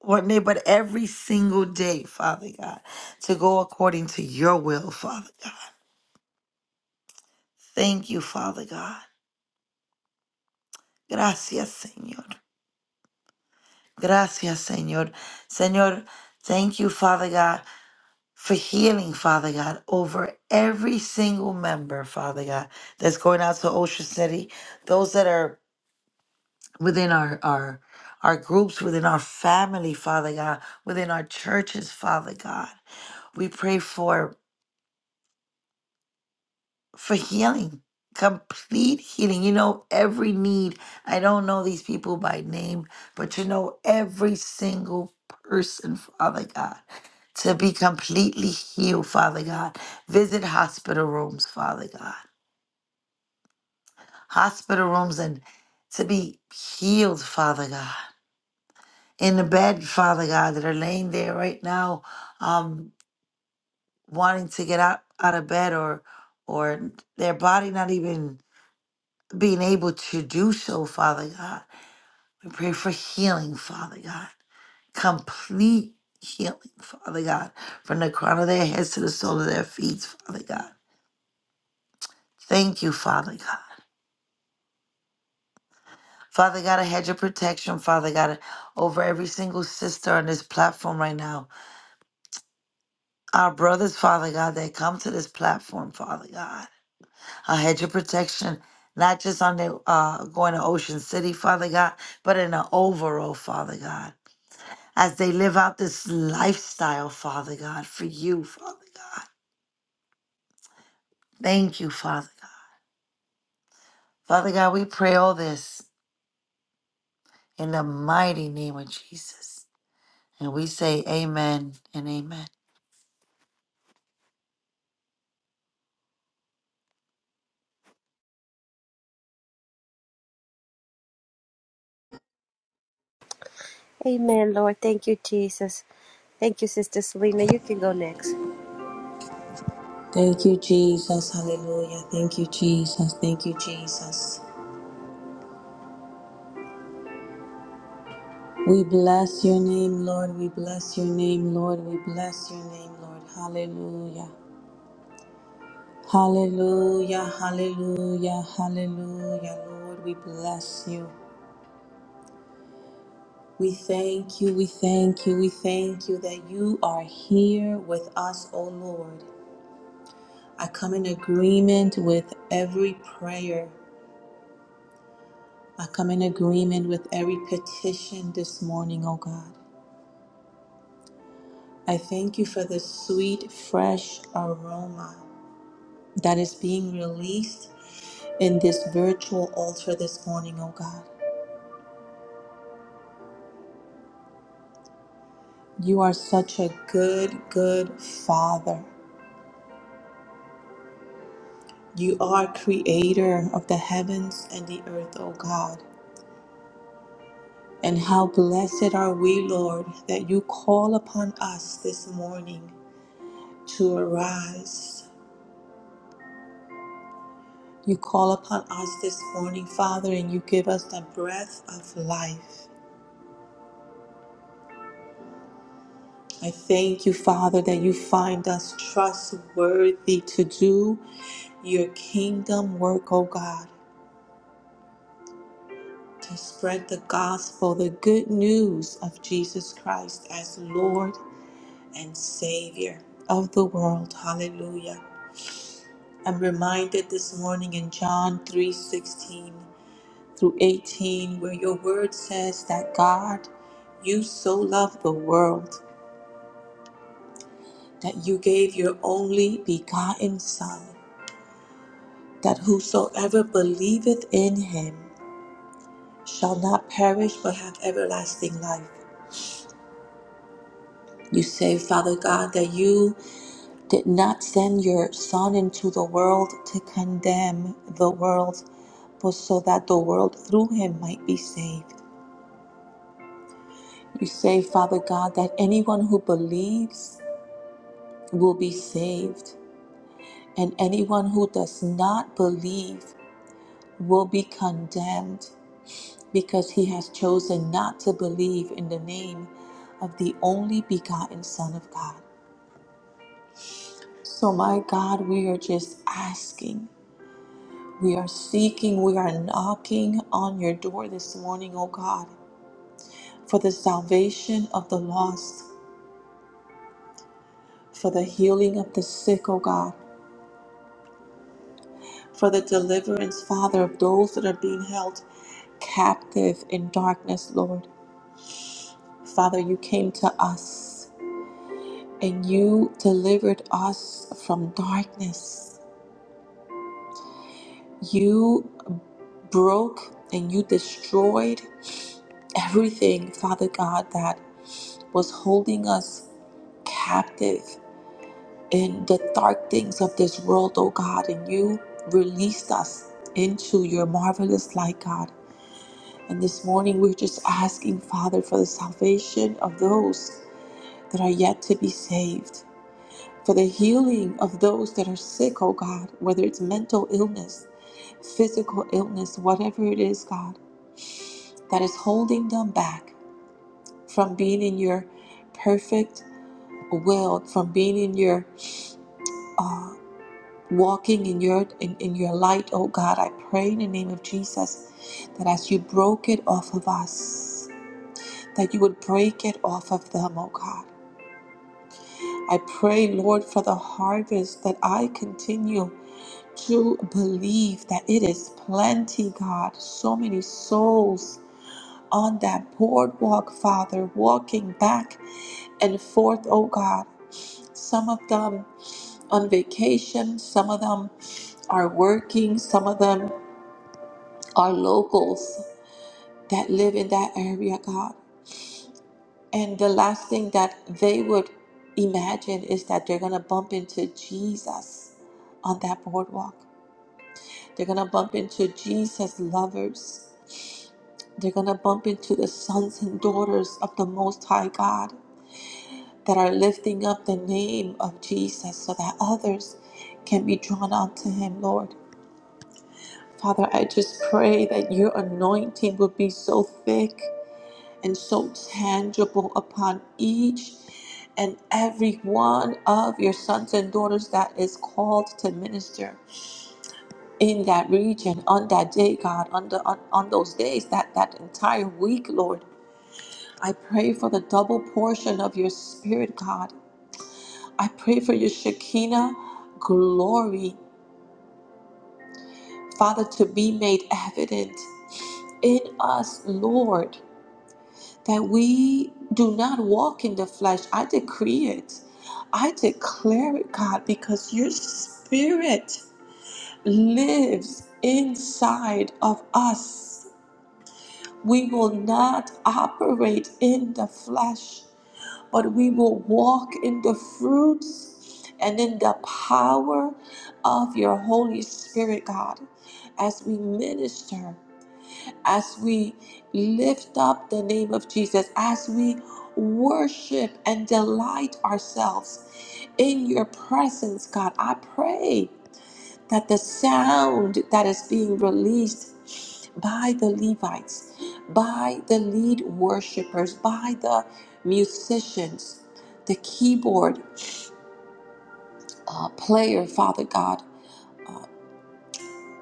S3: one day, but every single day, Father God, to go according to your will, Father God. Thank you, Father God. Gracias, Señor. Gracias, Señor. Señor, thank you, Father God, for healing, Father God, over every single member, Father God, that's going out to Ocean City, those that are within our, our, our groups, within our family, Father God, within our churches, Father God. We pray for for healing, complete healing. You know, every need. I don't know these people by name, but you know, every single person, Father God, to be completely healed, Father God. Visit hospital rooms, Father God. Hospital rooms and to be healed, Father God. In the bed, Father God, that are laying there right now, um, wanting to get out, out of bed or or their body not even being able to do so, Father God. We pray for healing, Father God. Complete healing, Father God, from the crown of their heads to the sole of their feet, Father God. Thank you, Father God. Father God, I had your protection, Father God, over every single sister on this platform right now. Our brothers, Father God, that come to this platform, Father God. I had your protection, not just on the uh, going to Ocean City, Father God, but in the overall, Father God. as they live out this lifestyle, Father God, for you, Father God. Thank you, Father God. Father God, we pray all this in the mighty name of Jesus. And we say amen and amen.
S1: Amen, Lord. Thank you, Jesus. Thank you, Sister Selena. You can go next.
S2: Thank you, Jesus. Hallelujah. Thank you, Jesus. Thank you, Jesus. We bless your name, Lord. We bless your name, Lord. We bless your name, Lord. Hallelujah. Hallelujah. Hallelujah. Hallelujah. Lord, we bless you. We thank you. We thank you. We thank you that you are here with us, O Lord. I come in agreement with every prayer. I come in agreement with every petition this morning, oh God. I thank you for the sweet, fresh aroma that is being released in this virtual altar this morning, oh God. You are such a good, good Father. You are creator of the heavens and the earth, O God. And how blessed are we, Lord, that you call upon us this morning to arise. You call upon us this morning, Father, and you give us the breath of life. I thank you, Father, that you find us trustworthy to do your kingdom work, O God, to spread the gospel, the good news of Jesus Christ as Lord and Savior of the world. Hallelujah. I'm reminded this morning in John 3:16 through 18, where your word says that God, you so loved the world that you gave your only begotten Son, that whosoever believeth in him shall not perish but have everlasting life. You say, Father God, that you did not send your Son into the world to condemn the world, but so that the world through him might be saved. You say, Father God, that anyone who believes, will be saved, and anyone who does not believe will be condemned because he has chosen not to believe in the name of the only begotten Son of God. So, my God, we are just asking, we are seeking, we are knocking on your door this morning, O God, for the salvation of the lost, for the healing of the sick, O God for the deliverance, Father, of those that are being held captive in darkness, Lord. Father, you came to us and you delivered us from darkness. You broke and you destroyed everything, Father God, that was holding us captive in the dark things of this world, oh God, and you released us into your marvelous light, God. And this morning, we're just asking, Father, for the salvation of those that are yet to be saved, for the healing of those that are sick, oh God, whether it's mental illness, physical illness, whatever it is, God, that is holding them back from being in your perfect will, from being in your walking in your in, in your light, oh God. I pray in the name of Jesus that as you broke it off of us, that you would break it off of them, oh God I pray, Lord, for the harvest that I continue to believe that it is plenty, God. So many souls on that boardwalk, Father, walking back and forth, oh God. Some of them on vacation, some of them are working, some of them are locals that live in that area, God. And the last thing that they would imagine is that they're going to bump into Jesus on that boardwalk. They're going to bump into Jesus' lovers. They're going to bump into the sons and daughters of the Most High God that are lifting up the name of Jesus so that others can be drawn unto Him, Lord. Father, I just pray that your anointing would be so thick and so tangible upon each and every one of your sons and daughters that is called to minister in that region on that day, God, on, the, on, on those days, that, that entire week, Lord. I pray for the double portion of your spirit, God. I pray for your Shekinah glory, Father, to be made evident in us, Lord. that we do not walk in the flesh. I decree it. I declare it, God, because your spirit lives inside of us. We will not operate in the flesh, but we will walk in the fruits and in the power of your Holy Spirit, God, as we minister as we lift up the name of Jesus, as we worship and delight ourselves in your presence, God, I pray that the sound that is being released by the Levites, by the lead worshipers, by the musicians, the keyboard uh, player, Father God,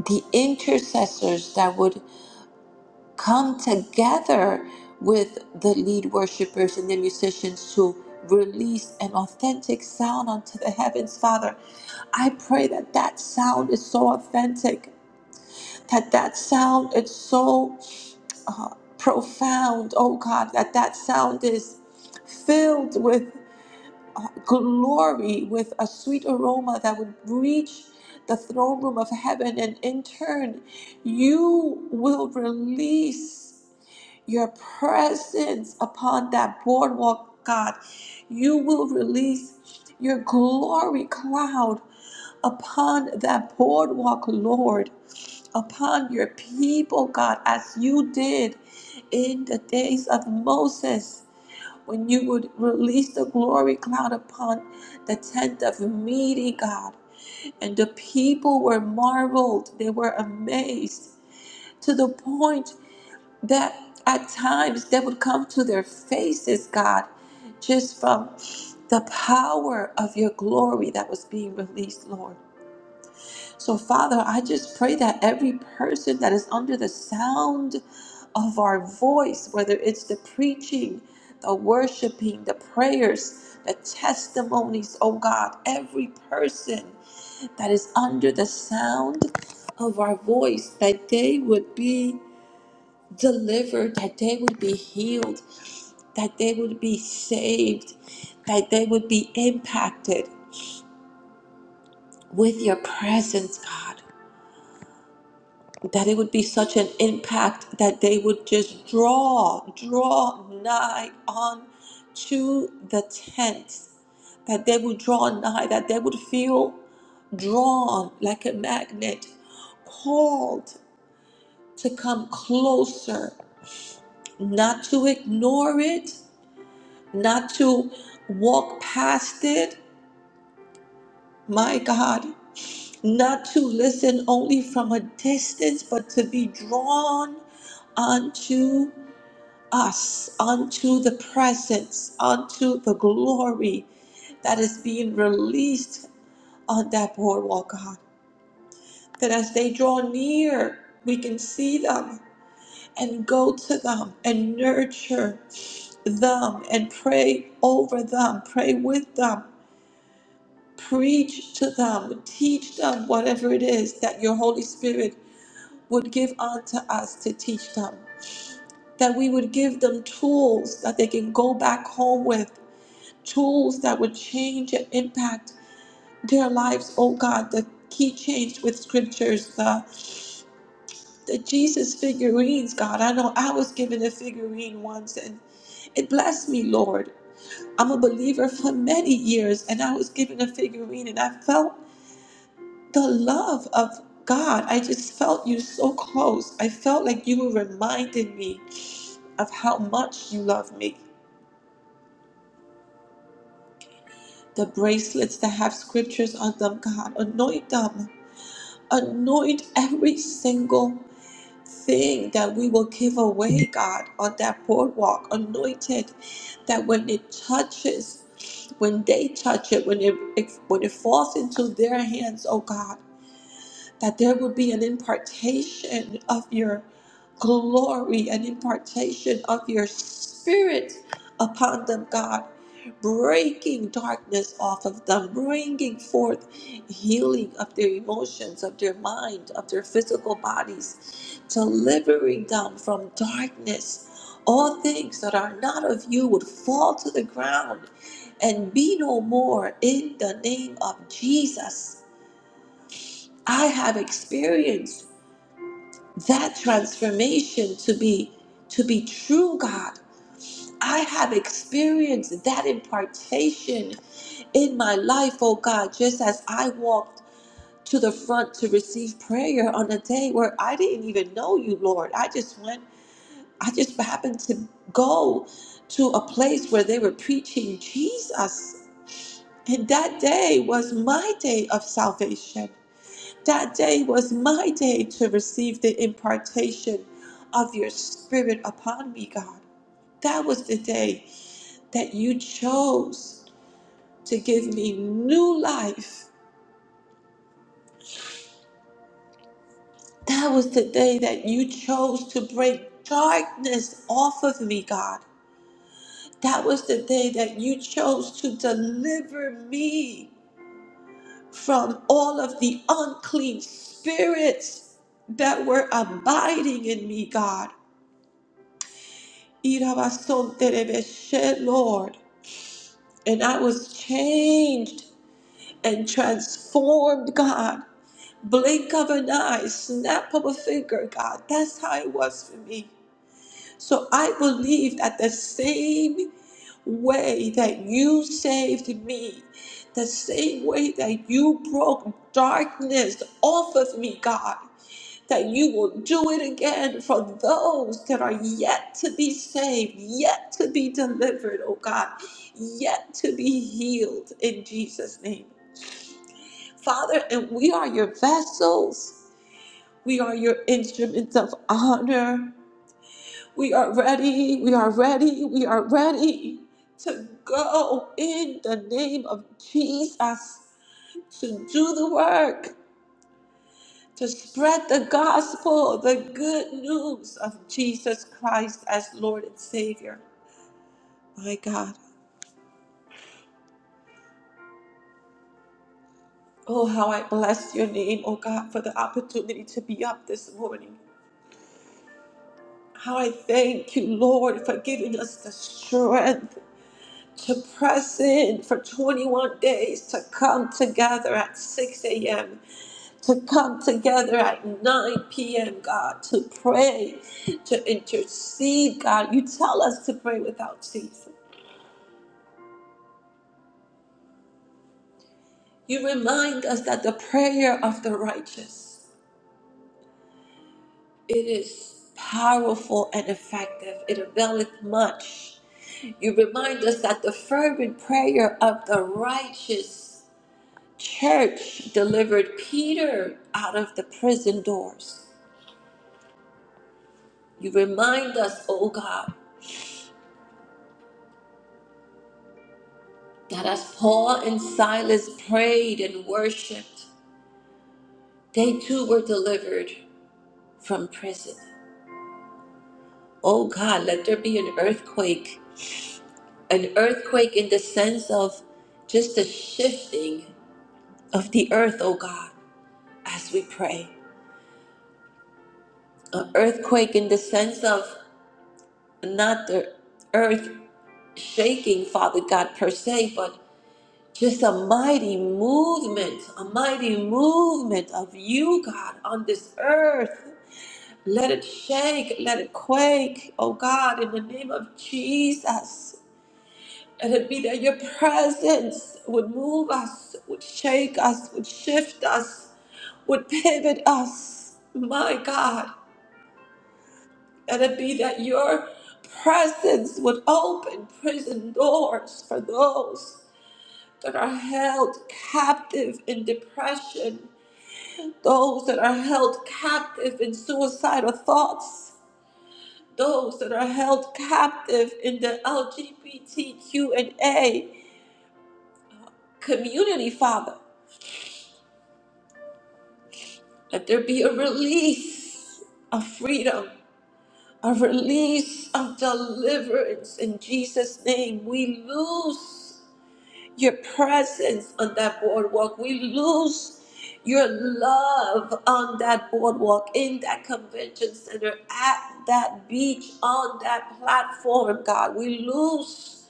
S2: the intercessors that would come together with the lead worshipers and the musicians to release an authentic sound unto the heavens father i pray that that sound is so authentic that that sound is so uh, profound oh god that that sound is filled with glory with a sweet aroma that would reach the throne room of heaven and in turn you will release your presence upon that boardwalk, God. You will release your glory cloud upon that boardwalk, Lord, upon your people, God, as you did in the days of Moses. When you would release the glory cloud upon the tent of meeting, God. And the people were marveled, they were amazed to the point that at times that would come to their faces, God, just from the power of your glory that was being released, Lord. So, Father, I just pray that every person that is under the sound of our voice, whether it's the preaching, the worshiping, the prayers, the testimonies, oh God, every person that is under the sound of our voice, that they would be delivered, that they would be healed, that they would be saved, that they would be impacted with your presence, God. That it would be such an impact that they would just draw, draw nigh on to the tent. That they would draw nigh, that they would feel drawn like a magnet, called to come closer, not to ignore it, not to walk past it, my God, not to listen only from a distance, but to be drawn unto us, unto the presence, unto the glory that is being released on that boardwalk, God. That as they draw near, we can see them and go to them and nurture them and pray over them, pray with them Preach to them, teach them whatever it is that your Holy Spirit would give unto us to teach them. That we would give them tools that they can go back home with, tools that would change and impact their lives, oh God. The key change with scriptures, the, the Jesus figurines, God. I know I was given a figurine once and it blessed me, Lord. I'm a believer for many years, and I was given a figurine, and I felt the love of God. I just felt you so close. I felt like you were reminding me of how much you love me. The bracelets that have scriptures on them, God, anoint them. Anoint every single thing that we will give away, God, on that boardwalk. Anoint it that when it touches, when they touch it, when it, it when it falls into their hands, oh God. that there would be an impartation of your glory, an impartation of your spirit upon them, God, breaking darkness off of them, bringing forth healing of their emotions, of their mind, of their physical bodies, delivering them from darkness. All things that are not of you would fall to the ground and be no more in the name of Jesus. I have experienced that transformation to be to be true god i have experienced that impartation in my life oh god just as i walked to the front to receive prayer on a day where i didn't even know you lord i just went i just happened to go to a place where they were preaching jesus and that day was my day of salvation that day was my day to receive the impartation of your spirit upon me, God. That was the day that you chose to give me new life. That was the day that you chose to break darkness off of me, God. That was the day that you chose to deliver me from all of the unclean spirits that were abiding in me, God. Irabasonterebeshe, Lord. And I was changed and transformed, God. Blink of an eye, snap of a finger, God. That's how it was for me. So I believe that the same way that you saved me, the same way that you broke darkness off of me, God that you will do it again for those that are yet to be saved, yet to be delivered, oh God, yet to be healed in Jesus' name. Father, and we are your vessels, we are your instruments of honor. We are ready, we are ready, we are ready to go in the name of Jesus to do the work. to spread the gospel, the good news of Jesus Christ as Lord and Savior. My God. Oh, how I bless your name, oh God, for the opportunity to be up this morning. How I thank you, Lord, for giving us the strength to press in for 21 days, to come together at 6 a.m., to come together at 9 p.m., God, to pray, to intercede, God. You tell us to pray without ceasing. You remind us that the prayer of the righteous, it is powerful and effective. It availeth much. You remind us that the fervent prayer of the righteous church delivered Peter out of the prison doors. You remind us, O God, that as Paul and Silas prayed and worshiped, they too were delivered from prison. O God, let there be an earthquake an earthquake in the sense of just a shifting of the earth, oh God, as we pray. An earthquake in the sense of not the earth shaking, Father God, per se, but just a mighty movement, a mighty movement of you, God, on this earth. Let it shake, let it quake, oh God, in the name of Jesus. And it'd be that your presence would move us, would shake us, would shift us, would pivot us, my God. And it'd be that your presence would open prison doors for those that are held captive in depression, those that are held captive in suicidal thoughts, those that are held captive in the LGBTQ and A community, Father. Let there be a release of freedom, a release of deliverance in Jesus' name. We lose your presence on that boardwalk. We lose your love on that boardwalk, in that convention center, at that beach, on that platform, God. We lose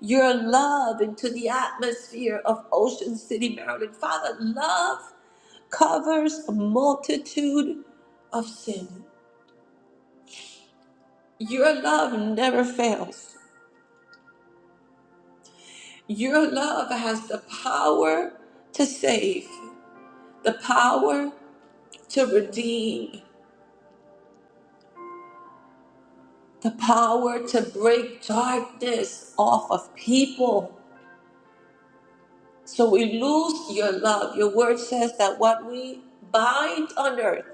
S2: your love into the atmosphere of Ocean City, Maryland. Father, love covers a multitude of sin. Your love never fails. Your love has the power to save, the power to redeem, the power to break darkness off of people. So we lose your love. Your word says that what we bind on earth,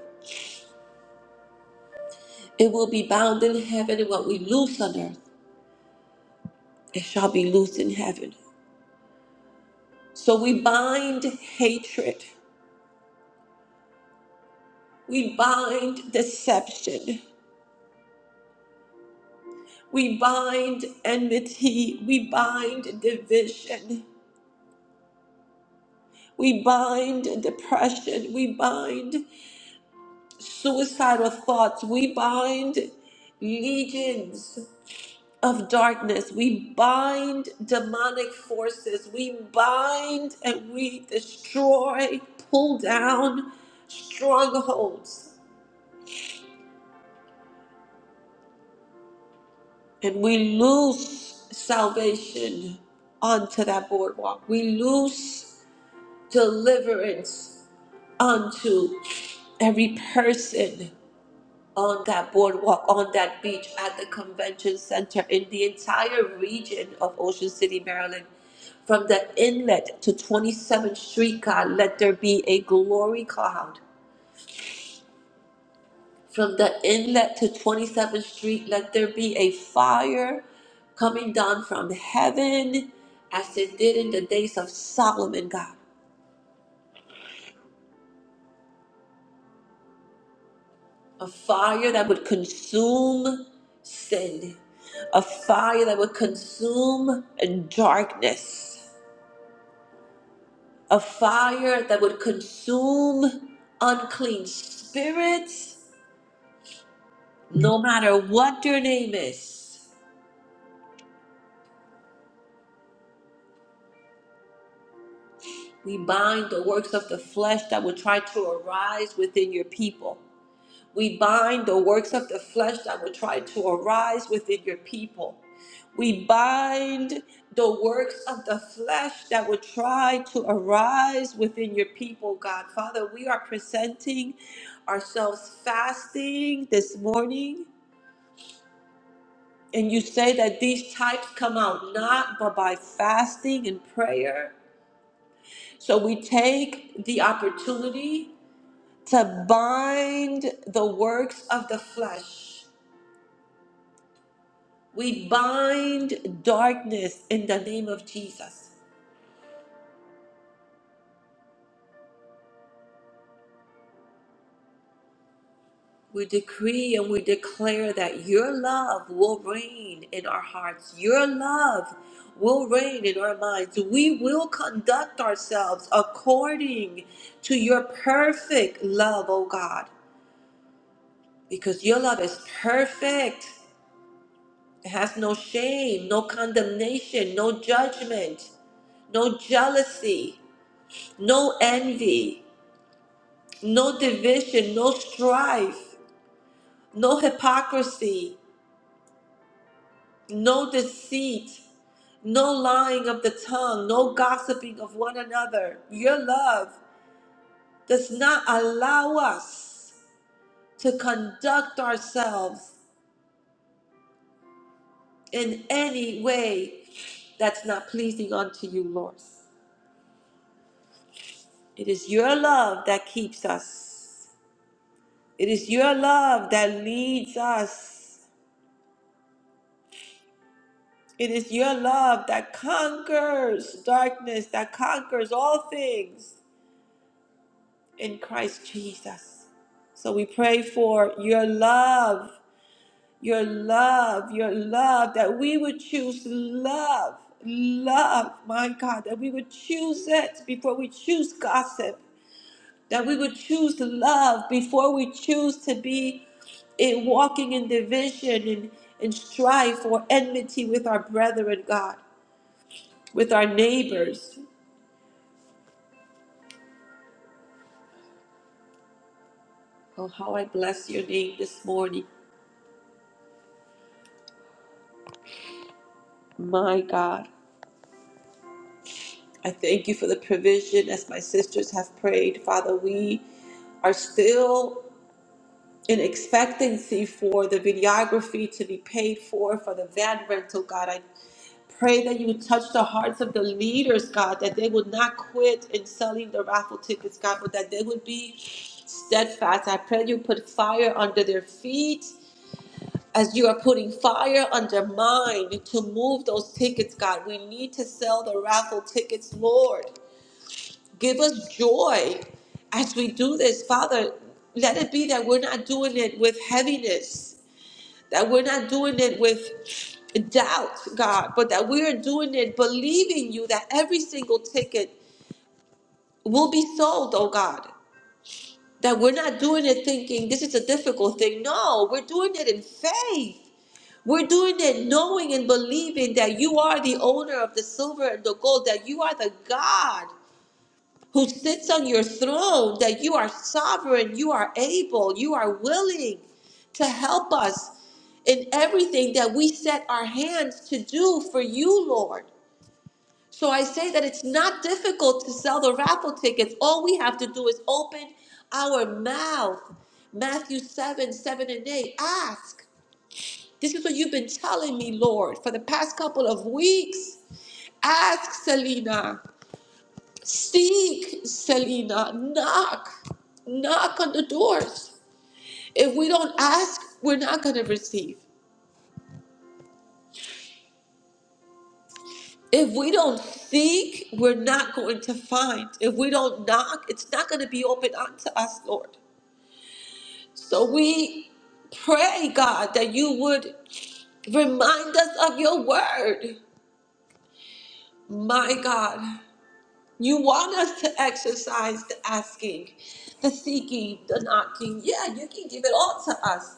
S2: it will be bound in heaven, and what we loose on earth, it shall be loosed in heaven. So we bind hatred. We bind deception. We bind enmity. We bind division. We bind depression. We bind suicidal thoughts. We bind legions of darkness. We bind demonic forces. We bind and we destroy, pull down strongholds. and we lose salvation onto that boardwalk. We lose deliverance onto every person on that boardwalk, on that beach, at the convention center, in the entire region of Ocean City, Maryland. From the inlet to 27th Street, God, let there be a glory cloud From the inlet to 27th Street, let there be a fire coming down from heaven as it did in the days of Solomon, God. A fire that would consume sin, a fire that would consume darkness, a fire that would consume unclean spirits, no matter what their name is. We bind the works of the flesh that would try to arise within your people. We bind the works of the flesh that would try to arise within your people. We bind the works of the flesh that would try to arise within your people, God. Father, we are presenting ourselves fasting this morning. And you say that these types come out not but by fasting and prayer. So we take the opportunity to bind the works of the flesh. We bind darkness in the name of Jesus. We decree and we declare that your love will reign in our hearts. Your love will reign in our minds. We will conduct ourselves according to your perfect love, O God, because your love is perfect. It has no shame, no condemnation, no judgment, no jealousy, no envy, no division, no strife, no hypocrisy, no deceit, no lying of the tongue, no gossiping of one another. Your love does not allow us to conduct ourselves in any way that's not pleasing unto you, Lord. It is your love that keeps us. It is your love that leads us. It is your love that conquers darkness, that conquers all things in Christ Jesus. So we pray for your love, your love, your love, that we would choose love, love, my God, that we would choose it before we choose gossip, that we would choose love before we choose to be in walking in division and, and strife or enmity with our brethren, God, with our neighbors. Oh, how I bless your name this morning, my God. I thank you for the provision as my sisters have prayed. Father, we are still an expectancy for the videography to be paid for, for the van rental, God. I pray that you would touch the hearts of the leaders, God, that they would not quit in selling the raffle tickets, God, but that they would be steadfast. I pray you put fire under their feet. As you are putting fire under mine to move those tickets, God, we need to sell the raffle tickets, Lord. Give us joy as we do this, Father. Let it be that we're not doing it with heaviness, that we're not doing it with doubt, God, but that we are doing it believing you that every single ticket will be sold, oh God. That we're not doing it thinking this is a difficult thing. No, we're doing it in faith. We're doing it knowing and believing that you are the owner of the silver and the gold, that you are the God who sits on your throne, that you are sovereign, you are able, you are willing to help us in everything that we set our hands to do for you, Lord. So I say that it's not difficult to sell the raffle tickets. All we have to do is open our mouth. Matthew 7, 7 and 8. Ask. This is what you've been telling me, Lord, for the past couple of weeks. Ask, Selena. Seek, Selena. Knock. Knock on the doors. If we don't ask, we're not going to receive. If we don't seek, we're not going to find. If we don't knock, it's not going to be open unto us, Lord. So we pray, God, that you would remind us of your word. My God, you want us to exercise the asking, the seeking, the knocking. Yeah, you can give it all to us.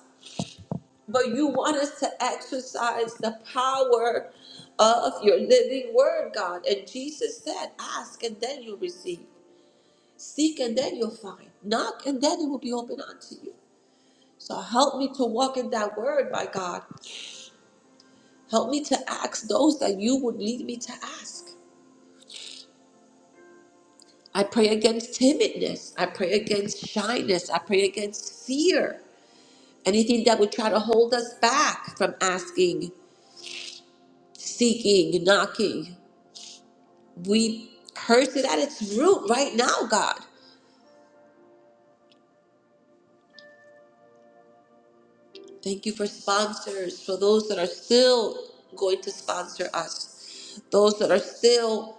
S2: but you want us to exercise the power of your living word, God. And Jesus said, Ask and then you'll receive, seek and then you'll find, knock and then it will be open unto you. So help me to walk in that word, my God. Help me to ask those that you would lead me to ask. I pray against timidness. I pray against shyness. I pray against fear. Anything that would try to hold us back from asking, seeking, knocking. we curse it at its root right now, God. Thank you for sponsors, for those that are still going to sponsor us, those that are still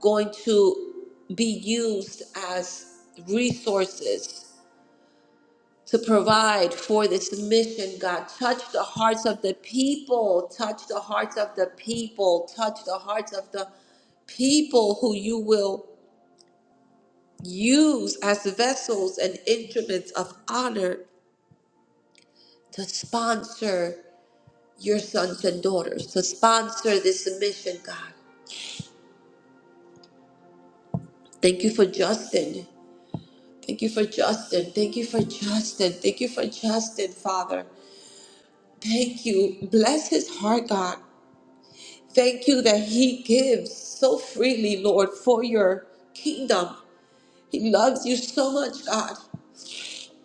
S2: going to be used as resources to provide for this mission, God. Touch the hearts of the people, touch the hearts of the people, touch the hearts of the people who you will use as vessels and instruments of honor to sponsor your sons and daughters, to sponsor this mission, God. Thank you for Justin. Thank you for Justin. Thank you for Justin. Thank you for Justin, Father. Thank you. Bless his heart, God. Thank you that he gives so freely, Lord, for your kingdom. He loves you so much, God.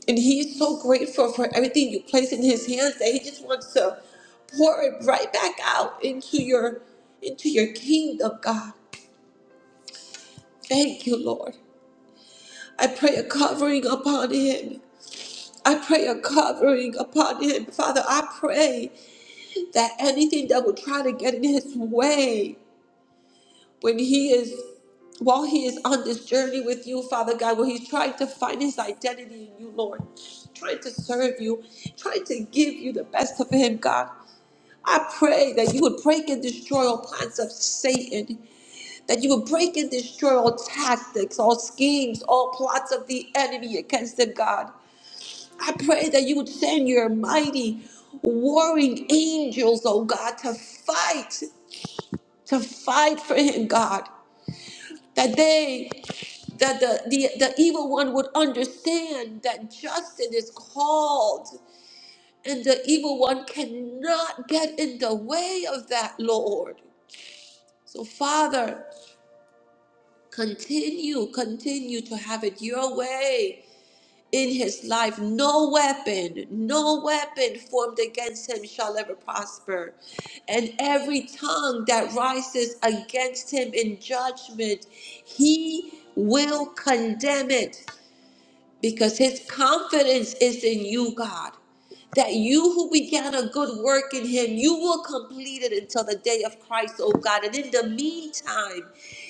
S2: And he is so grateful for everything you place in his hands that he just wants to pour it right back out into your into your kingdom, God. Thank you, Lord. I pray a covering upon him. I pray a covering upon him. Father, I pray that anything that will try to get in his way when he is while he is on this journey with you, Father God, when he's trying to find his identity in you, Lord, trying to serve you, trying to give you the best of him, God. I pray that you would break and destroy all plans of Satan. that you would break and destroy all tactics, all schemes, all plots of the enemy against the God. I pray that you would send your mighty warring angels, oh God, to fight, to fight for him, God. That they, that the, the, the evil one would understand that justice is called and the evil one cannot get in the way of that, Lord. So, Father, Continue, continue to have it your way in his life. No weapon, no weapon formed against him shall ever prosper. And every tongue that rises against him in judgment, he will condemn it because his confidence is in you, God. That you who began a good work in him, you will complete it until the day of Christ, oh God. And in the meantime,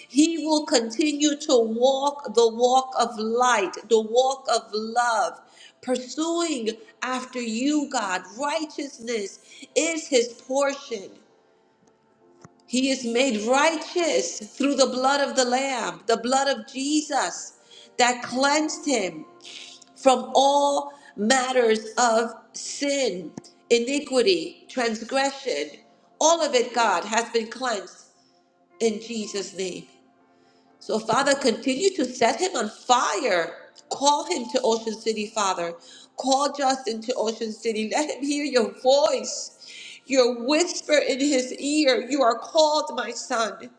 S2: he will continue to walk the walk of light, the walk of love, pursuing after you, God. Righteousness is his portion. He is made righteous through the blood of the Lamb, the blood of Jesus that cleansed him from all matters of sin, iniquity, transgression. All of it, God, has been cleansed in Jesus' name. So, Father, continue to set him on fire. Call him to Ocean City, Father. Call Justin to Ocean City. Let him hear your voice, your whisper in his ear. You are called, my son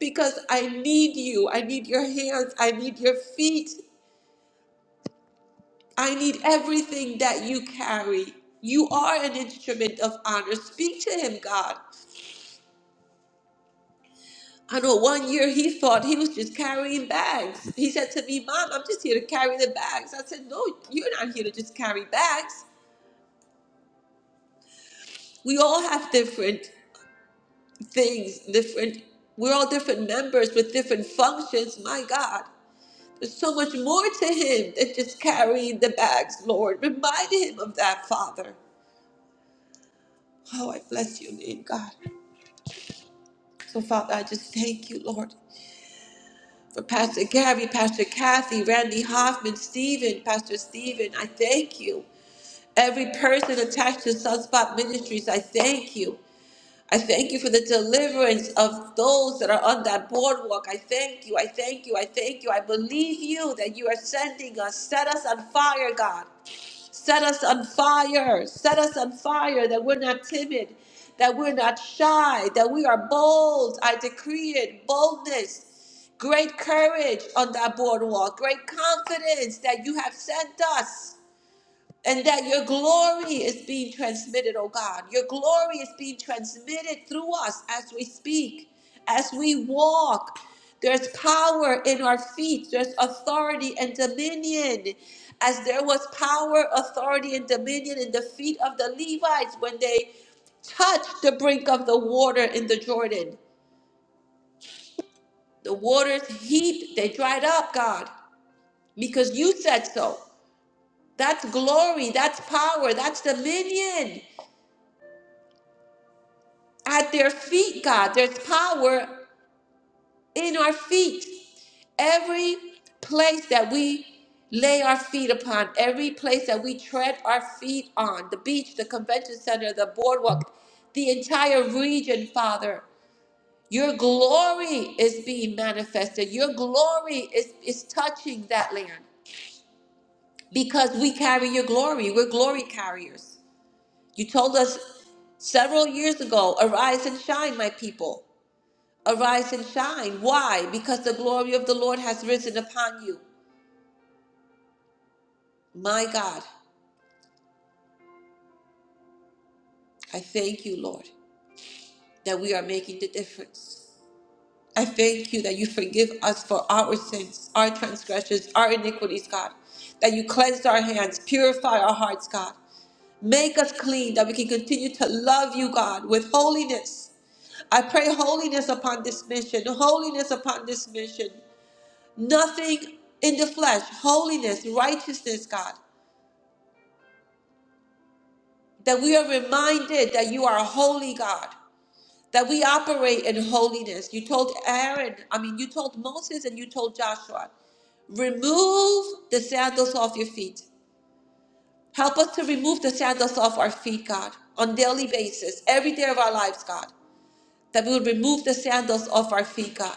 S2: because I need you. I need your hands. I need your feet. I need everything that you carry. You are an instrument of honor. Speak to him, God. I know one year he thought he was just carrying bags. He said to me, Mom, I'm just here to carry the bags. I said, No, you're not here to just carry bags. We all have different things, different, we're all different members with different functions. My God, there's so much more to him than just carrying the bags, Lord. Remind him of that, Father. Oh, I bless your name, God. So, Father, I just thank you, Lord, for Pastor Gary, Pastor Kathy, Randy Hoffman, Stephen, Pastor Stephen. I thank you. Every person attached to Sunspot Ministries, I thank you. I thank you for the deliverance of those that are on that boardwalk. I thank you. I thank you. I thank you. I believe you that you are sending us. Set us on fire, God. Set us on fire. Set us on fire that we're not timid, that we're not shy, that we are bold. I decree it boldness, great courage on that boardwalk, great confidence that you have sent us and that your glory is being transmitted, oh God. Your glory is being transmitted through us as we speak, as we walk. There's power in our feet, there's authority and dominion. As there was power, authority, and dominion in the feet of the Levites when they touched the brink of the water in the Jordan. The waters heaped, they dried up, God, because you said so. That's glory, that's power, that's dominion. at their feet, God. There's power in our feet. Every place that we lay our feet upon, every place that we tread our feet on, the beach, the convention center, the boardwalk, the entire region, Father. Your glory is being manifested. Your glory is, is touching that land because we carry your glory. We're glory carriers. You told us several years ago, arise and shine, my people. Arise and shine. Why? Because the glory of the Lord has risen upon you. My God, I thank you, Lord, that we are making the difference. I thank you that you forgive us for our sins, our transgressions, our iniquities, God. That you cleanse our hands, purify our hearts, God. Make us clean, that we can continue to love you, God, with holiness. I pray holiness upon this mission, holiness upon this mission. Nothing in the flesh, holiness, righteousness, God. that we are reminded that you are a holy God, that we operate in holiness. You told Aaron, I mean, you told Moses and you told Joshua, remove the sandals off your feet. Help us to remove the sandals off our feet, God, on daily basis, every day of our lives, God, that we would remove the sandals off our feet, God,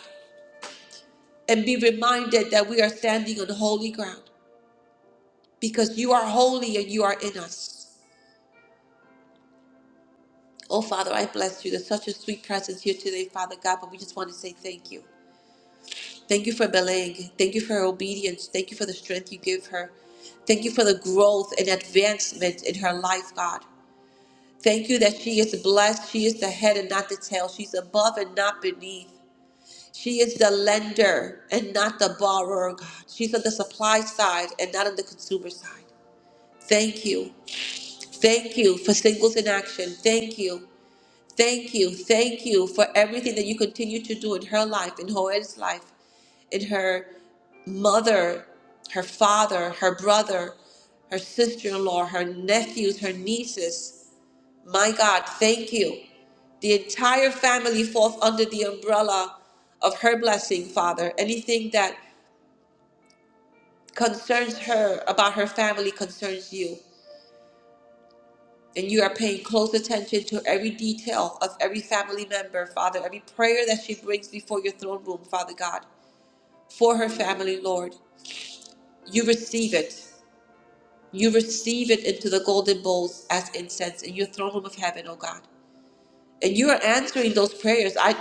S2: and be reminded that we are standing on holy ground because you are holy and you are in us. Oh, Father, I bless you. There's such a sweet presence here today, Father God, but we just want to say thank you. Thank you for Belang. Thank you for her obedience. Thank you for the strength you give her. Thank you for the growth and advancement in her life, God. Thank you that she is blessed. She is the head and not the tail. She's above and not beneath. She is the lender and not the borrower, God. She's on the supply side and not on the consumer side. Thank you. Thank you for singles in action. Thank you. Thank you. Thank you for everything that you continue to do in her life, in Hoed's life, in her mother, her father, her brother, her sister in law, her nephews, her nieces. My God, thank you. The entire family falls under the umbrella of her blessing, Father. Anything that concerns her about her family concerns you. And you are paying close attention to every detail of every family member, Father, every prayer that she brings before your throne room, Father God, for her family, Lord. You receive it. You receive it into the golden bowls as incense in your throne room of heaven, oh God. And you are answering those prayers. I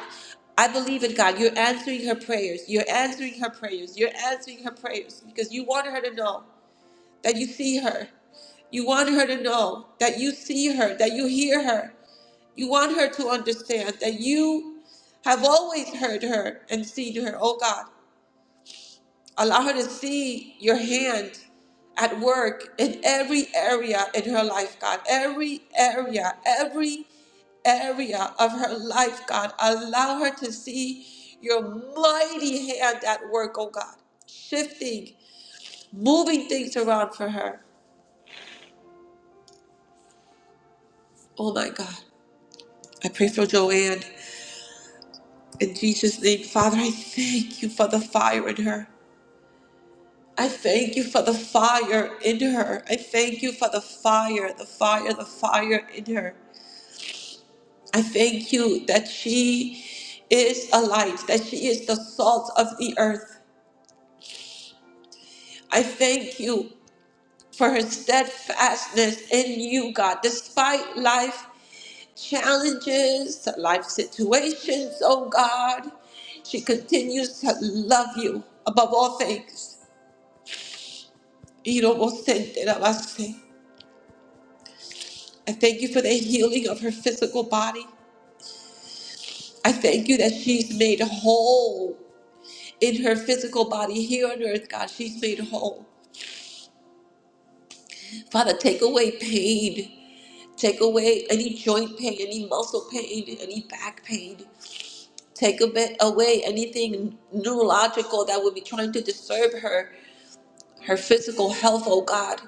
S2: I believe in God. You're answering her prayers. You're answering her prayers. You're answering her prayers because you want her to know that you see her. You want her to know that you see her, that you hear her, You want her to understand that you have always heard her and seen her, oh God. Allow her to see your hand at work in every area in her life, God. Every area, every area of her life, God. Allow her to see your mighty hand at work, oh God. Shifting, moving things around for her. Oh my God. I pray for Joanne. In Jesus' name, Father, I thank you for the fire in her. I thank you for the fire in her. I thank you for the fire, the fire, the fire in her. I thank you that she is a light, that she is the salt of the earth. I thank you for her steadfastness in you, God, despite life challenges, life situations, oh God. She continues to love you above all things. You don't I thank you for the healing of her physical body. I thank you that she's made whole in her physical body here on earth, God. She's made whole. Father, take away pain. Take away any joint pain, any muscle pain, any back pain. Take a bit away anything neurological that would be trying to disturb her, her physical health, oh God.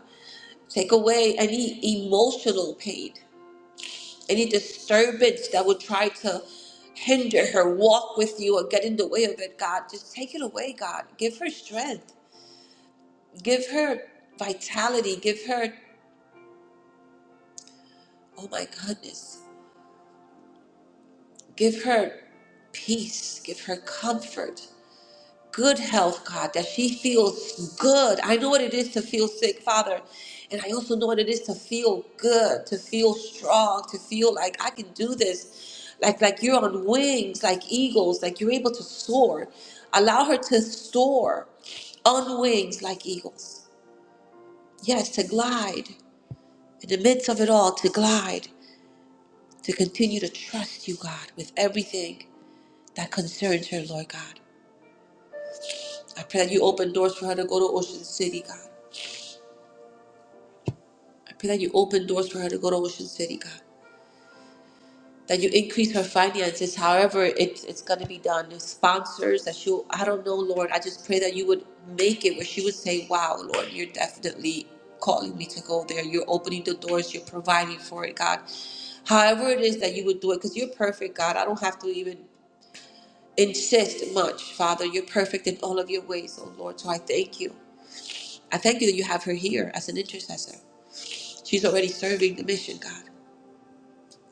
S2: Take away any emotional pain. any disturbance that would try to hinder her walk with you or get in the way of it, God, just take it away, God. Give her strength, give her vitality, give her, oh my goodness, give her peace, give her comfort. good health, God, that she feels good. I know what it is to feel sick, Father. And I also know what it is to feel good, to feel strong, to feel like I can do this. Like like you're on wings, like eagles, like you're able to soar. Allow her to soar on wings like eagles. Yes, to glide. In the midst of it all, to glide, to continue to trust you, God, with everything that concerns her, Lord God. I pray that you open doors for her to go to Ocean City, God. I pray that you open doors for her to go to Ocean City, God. That you increase her finances, however it, it's going to be done. The sponsors that she'll, I don't know, Lord. I just pray that you would make it where she would say, wow, Lord, you're definitely calling me to go there. You're opening the doors. You're providing for it, God. However it is that you would do it, because you're perfect, God. I don't have to even insist much, Father. You're perfect in all of your ways, oh Lord. So I thank you. I thank you that you have her here as an intercessor. She's already serving the mission, God.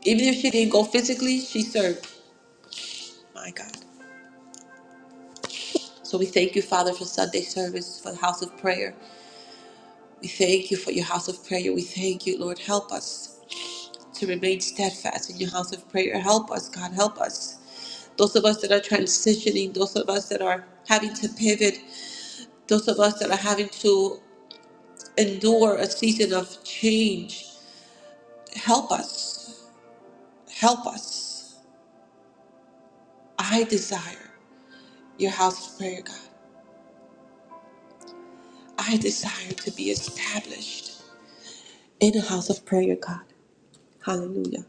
S2: Even if she didn't go physically, she served. My God. So we thank you, Father, for Sunday service, for the house of prayer. We thank you for your house of prayer. We thank you, Lord. Help us to remain steadfast in your house of prayer. Help us, God. Help us. Those of us that are transitioning, those of us that are having to pivot, those of us that are having to endure a season of change, help us. Help us. I desire your house of prayer, God. I desire to be established. in a house of prayer, God. Hallelujah.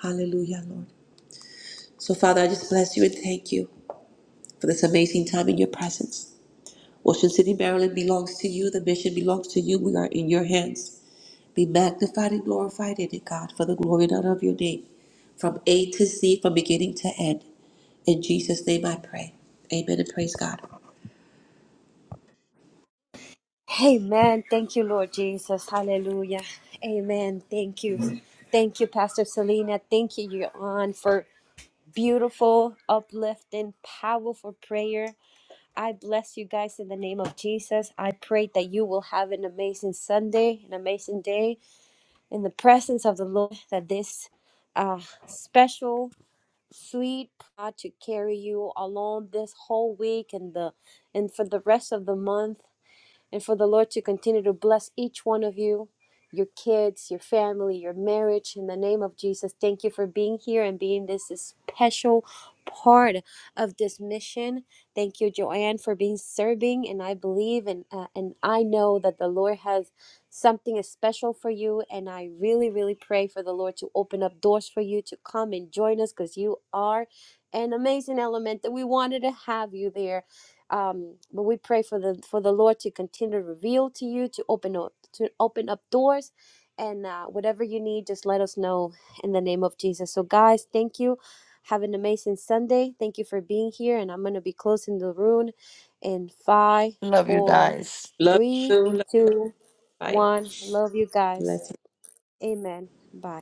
S2: Hallelujah, Lord. So, Father, I just bless you and thank you for this amazing time in your presence. Ocean City, Maryland belongs to you. The mission belongs to you. We are in your hands. Be magnified and glorified in it, God, for the glory and honor of your name, from A to Z, from beginning to end. In Jesus' name I pray. Amen and praise God.
S1: Amen. Thank you, Lord Jesus. Hallelujah. Amen. Thank you. Thank you, Pastor Selena. Thank you, Yohan, for beautiful, uplifting, powerful prayer. I bless you guys in the name of Jesus. I pray that you will have an amazing Sunday, an amazing day in the presence of the Lord, that this uh, special, sweet God to carry you along this whole week and the and for the rest of the month and for the Lord to continue to bless each one of you, your kids, your family, your marriage. In the name of Jesus, thank you for being here and being this special part of this mission. Thank you, Joanne, for being serving. And I believe and uh, and I know that the Lord has something special for you. And I really, really pray for the Lord to open up doors for you to come and join us because you are an amazing element that we wanted to have you there um, but we pray for the for the Lord to continue to reveal to you to open up to open up doors and uh, whatever you need just let us know in the name of Jesus so guys thank you have an amazing Sunday thank you for being here and I'm gonna be closing the room in five
S3: Love you
S1: four
S3: guys.
S2: Love
S1: three
S2: you. Love you.
S1: two
S2: Bye.
S1: one love you
S2: Bless
S1: guys
S2: you.
S1: amen bye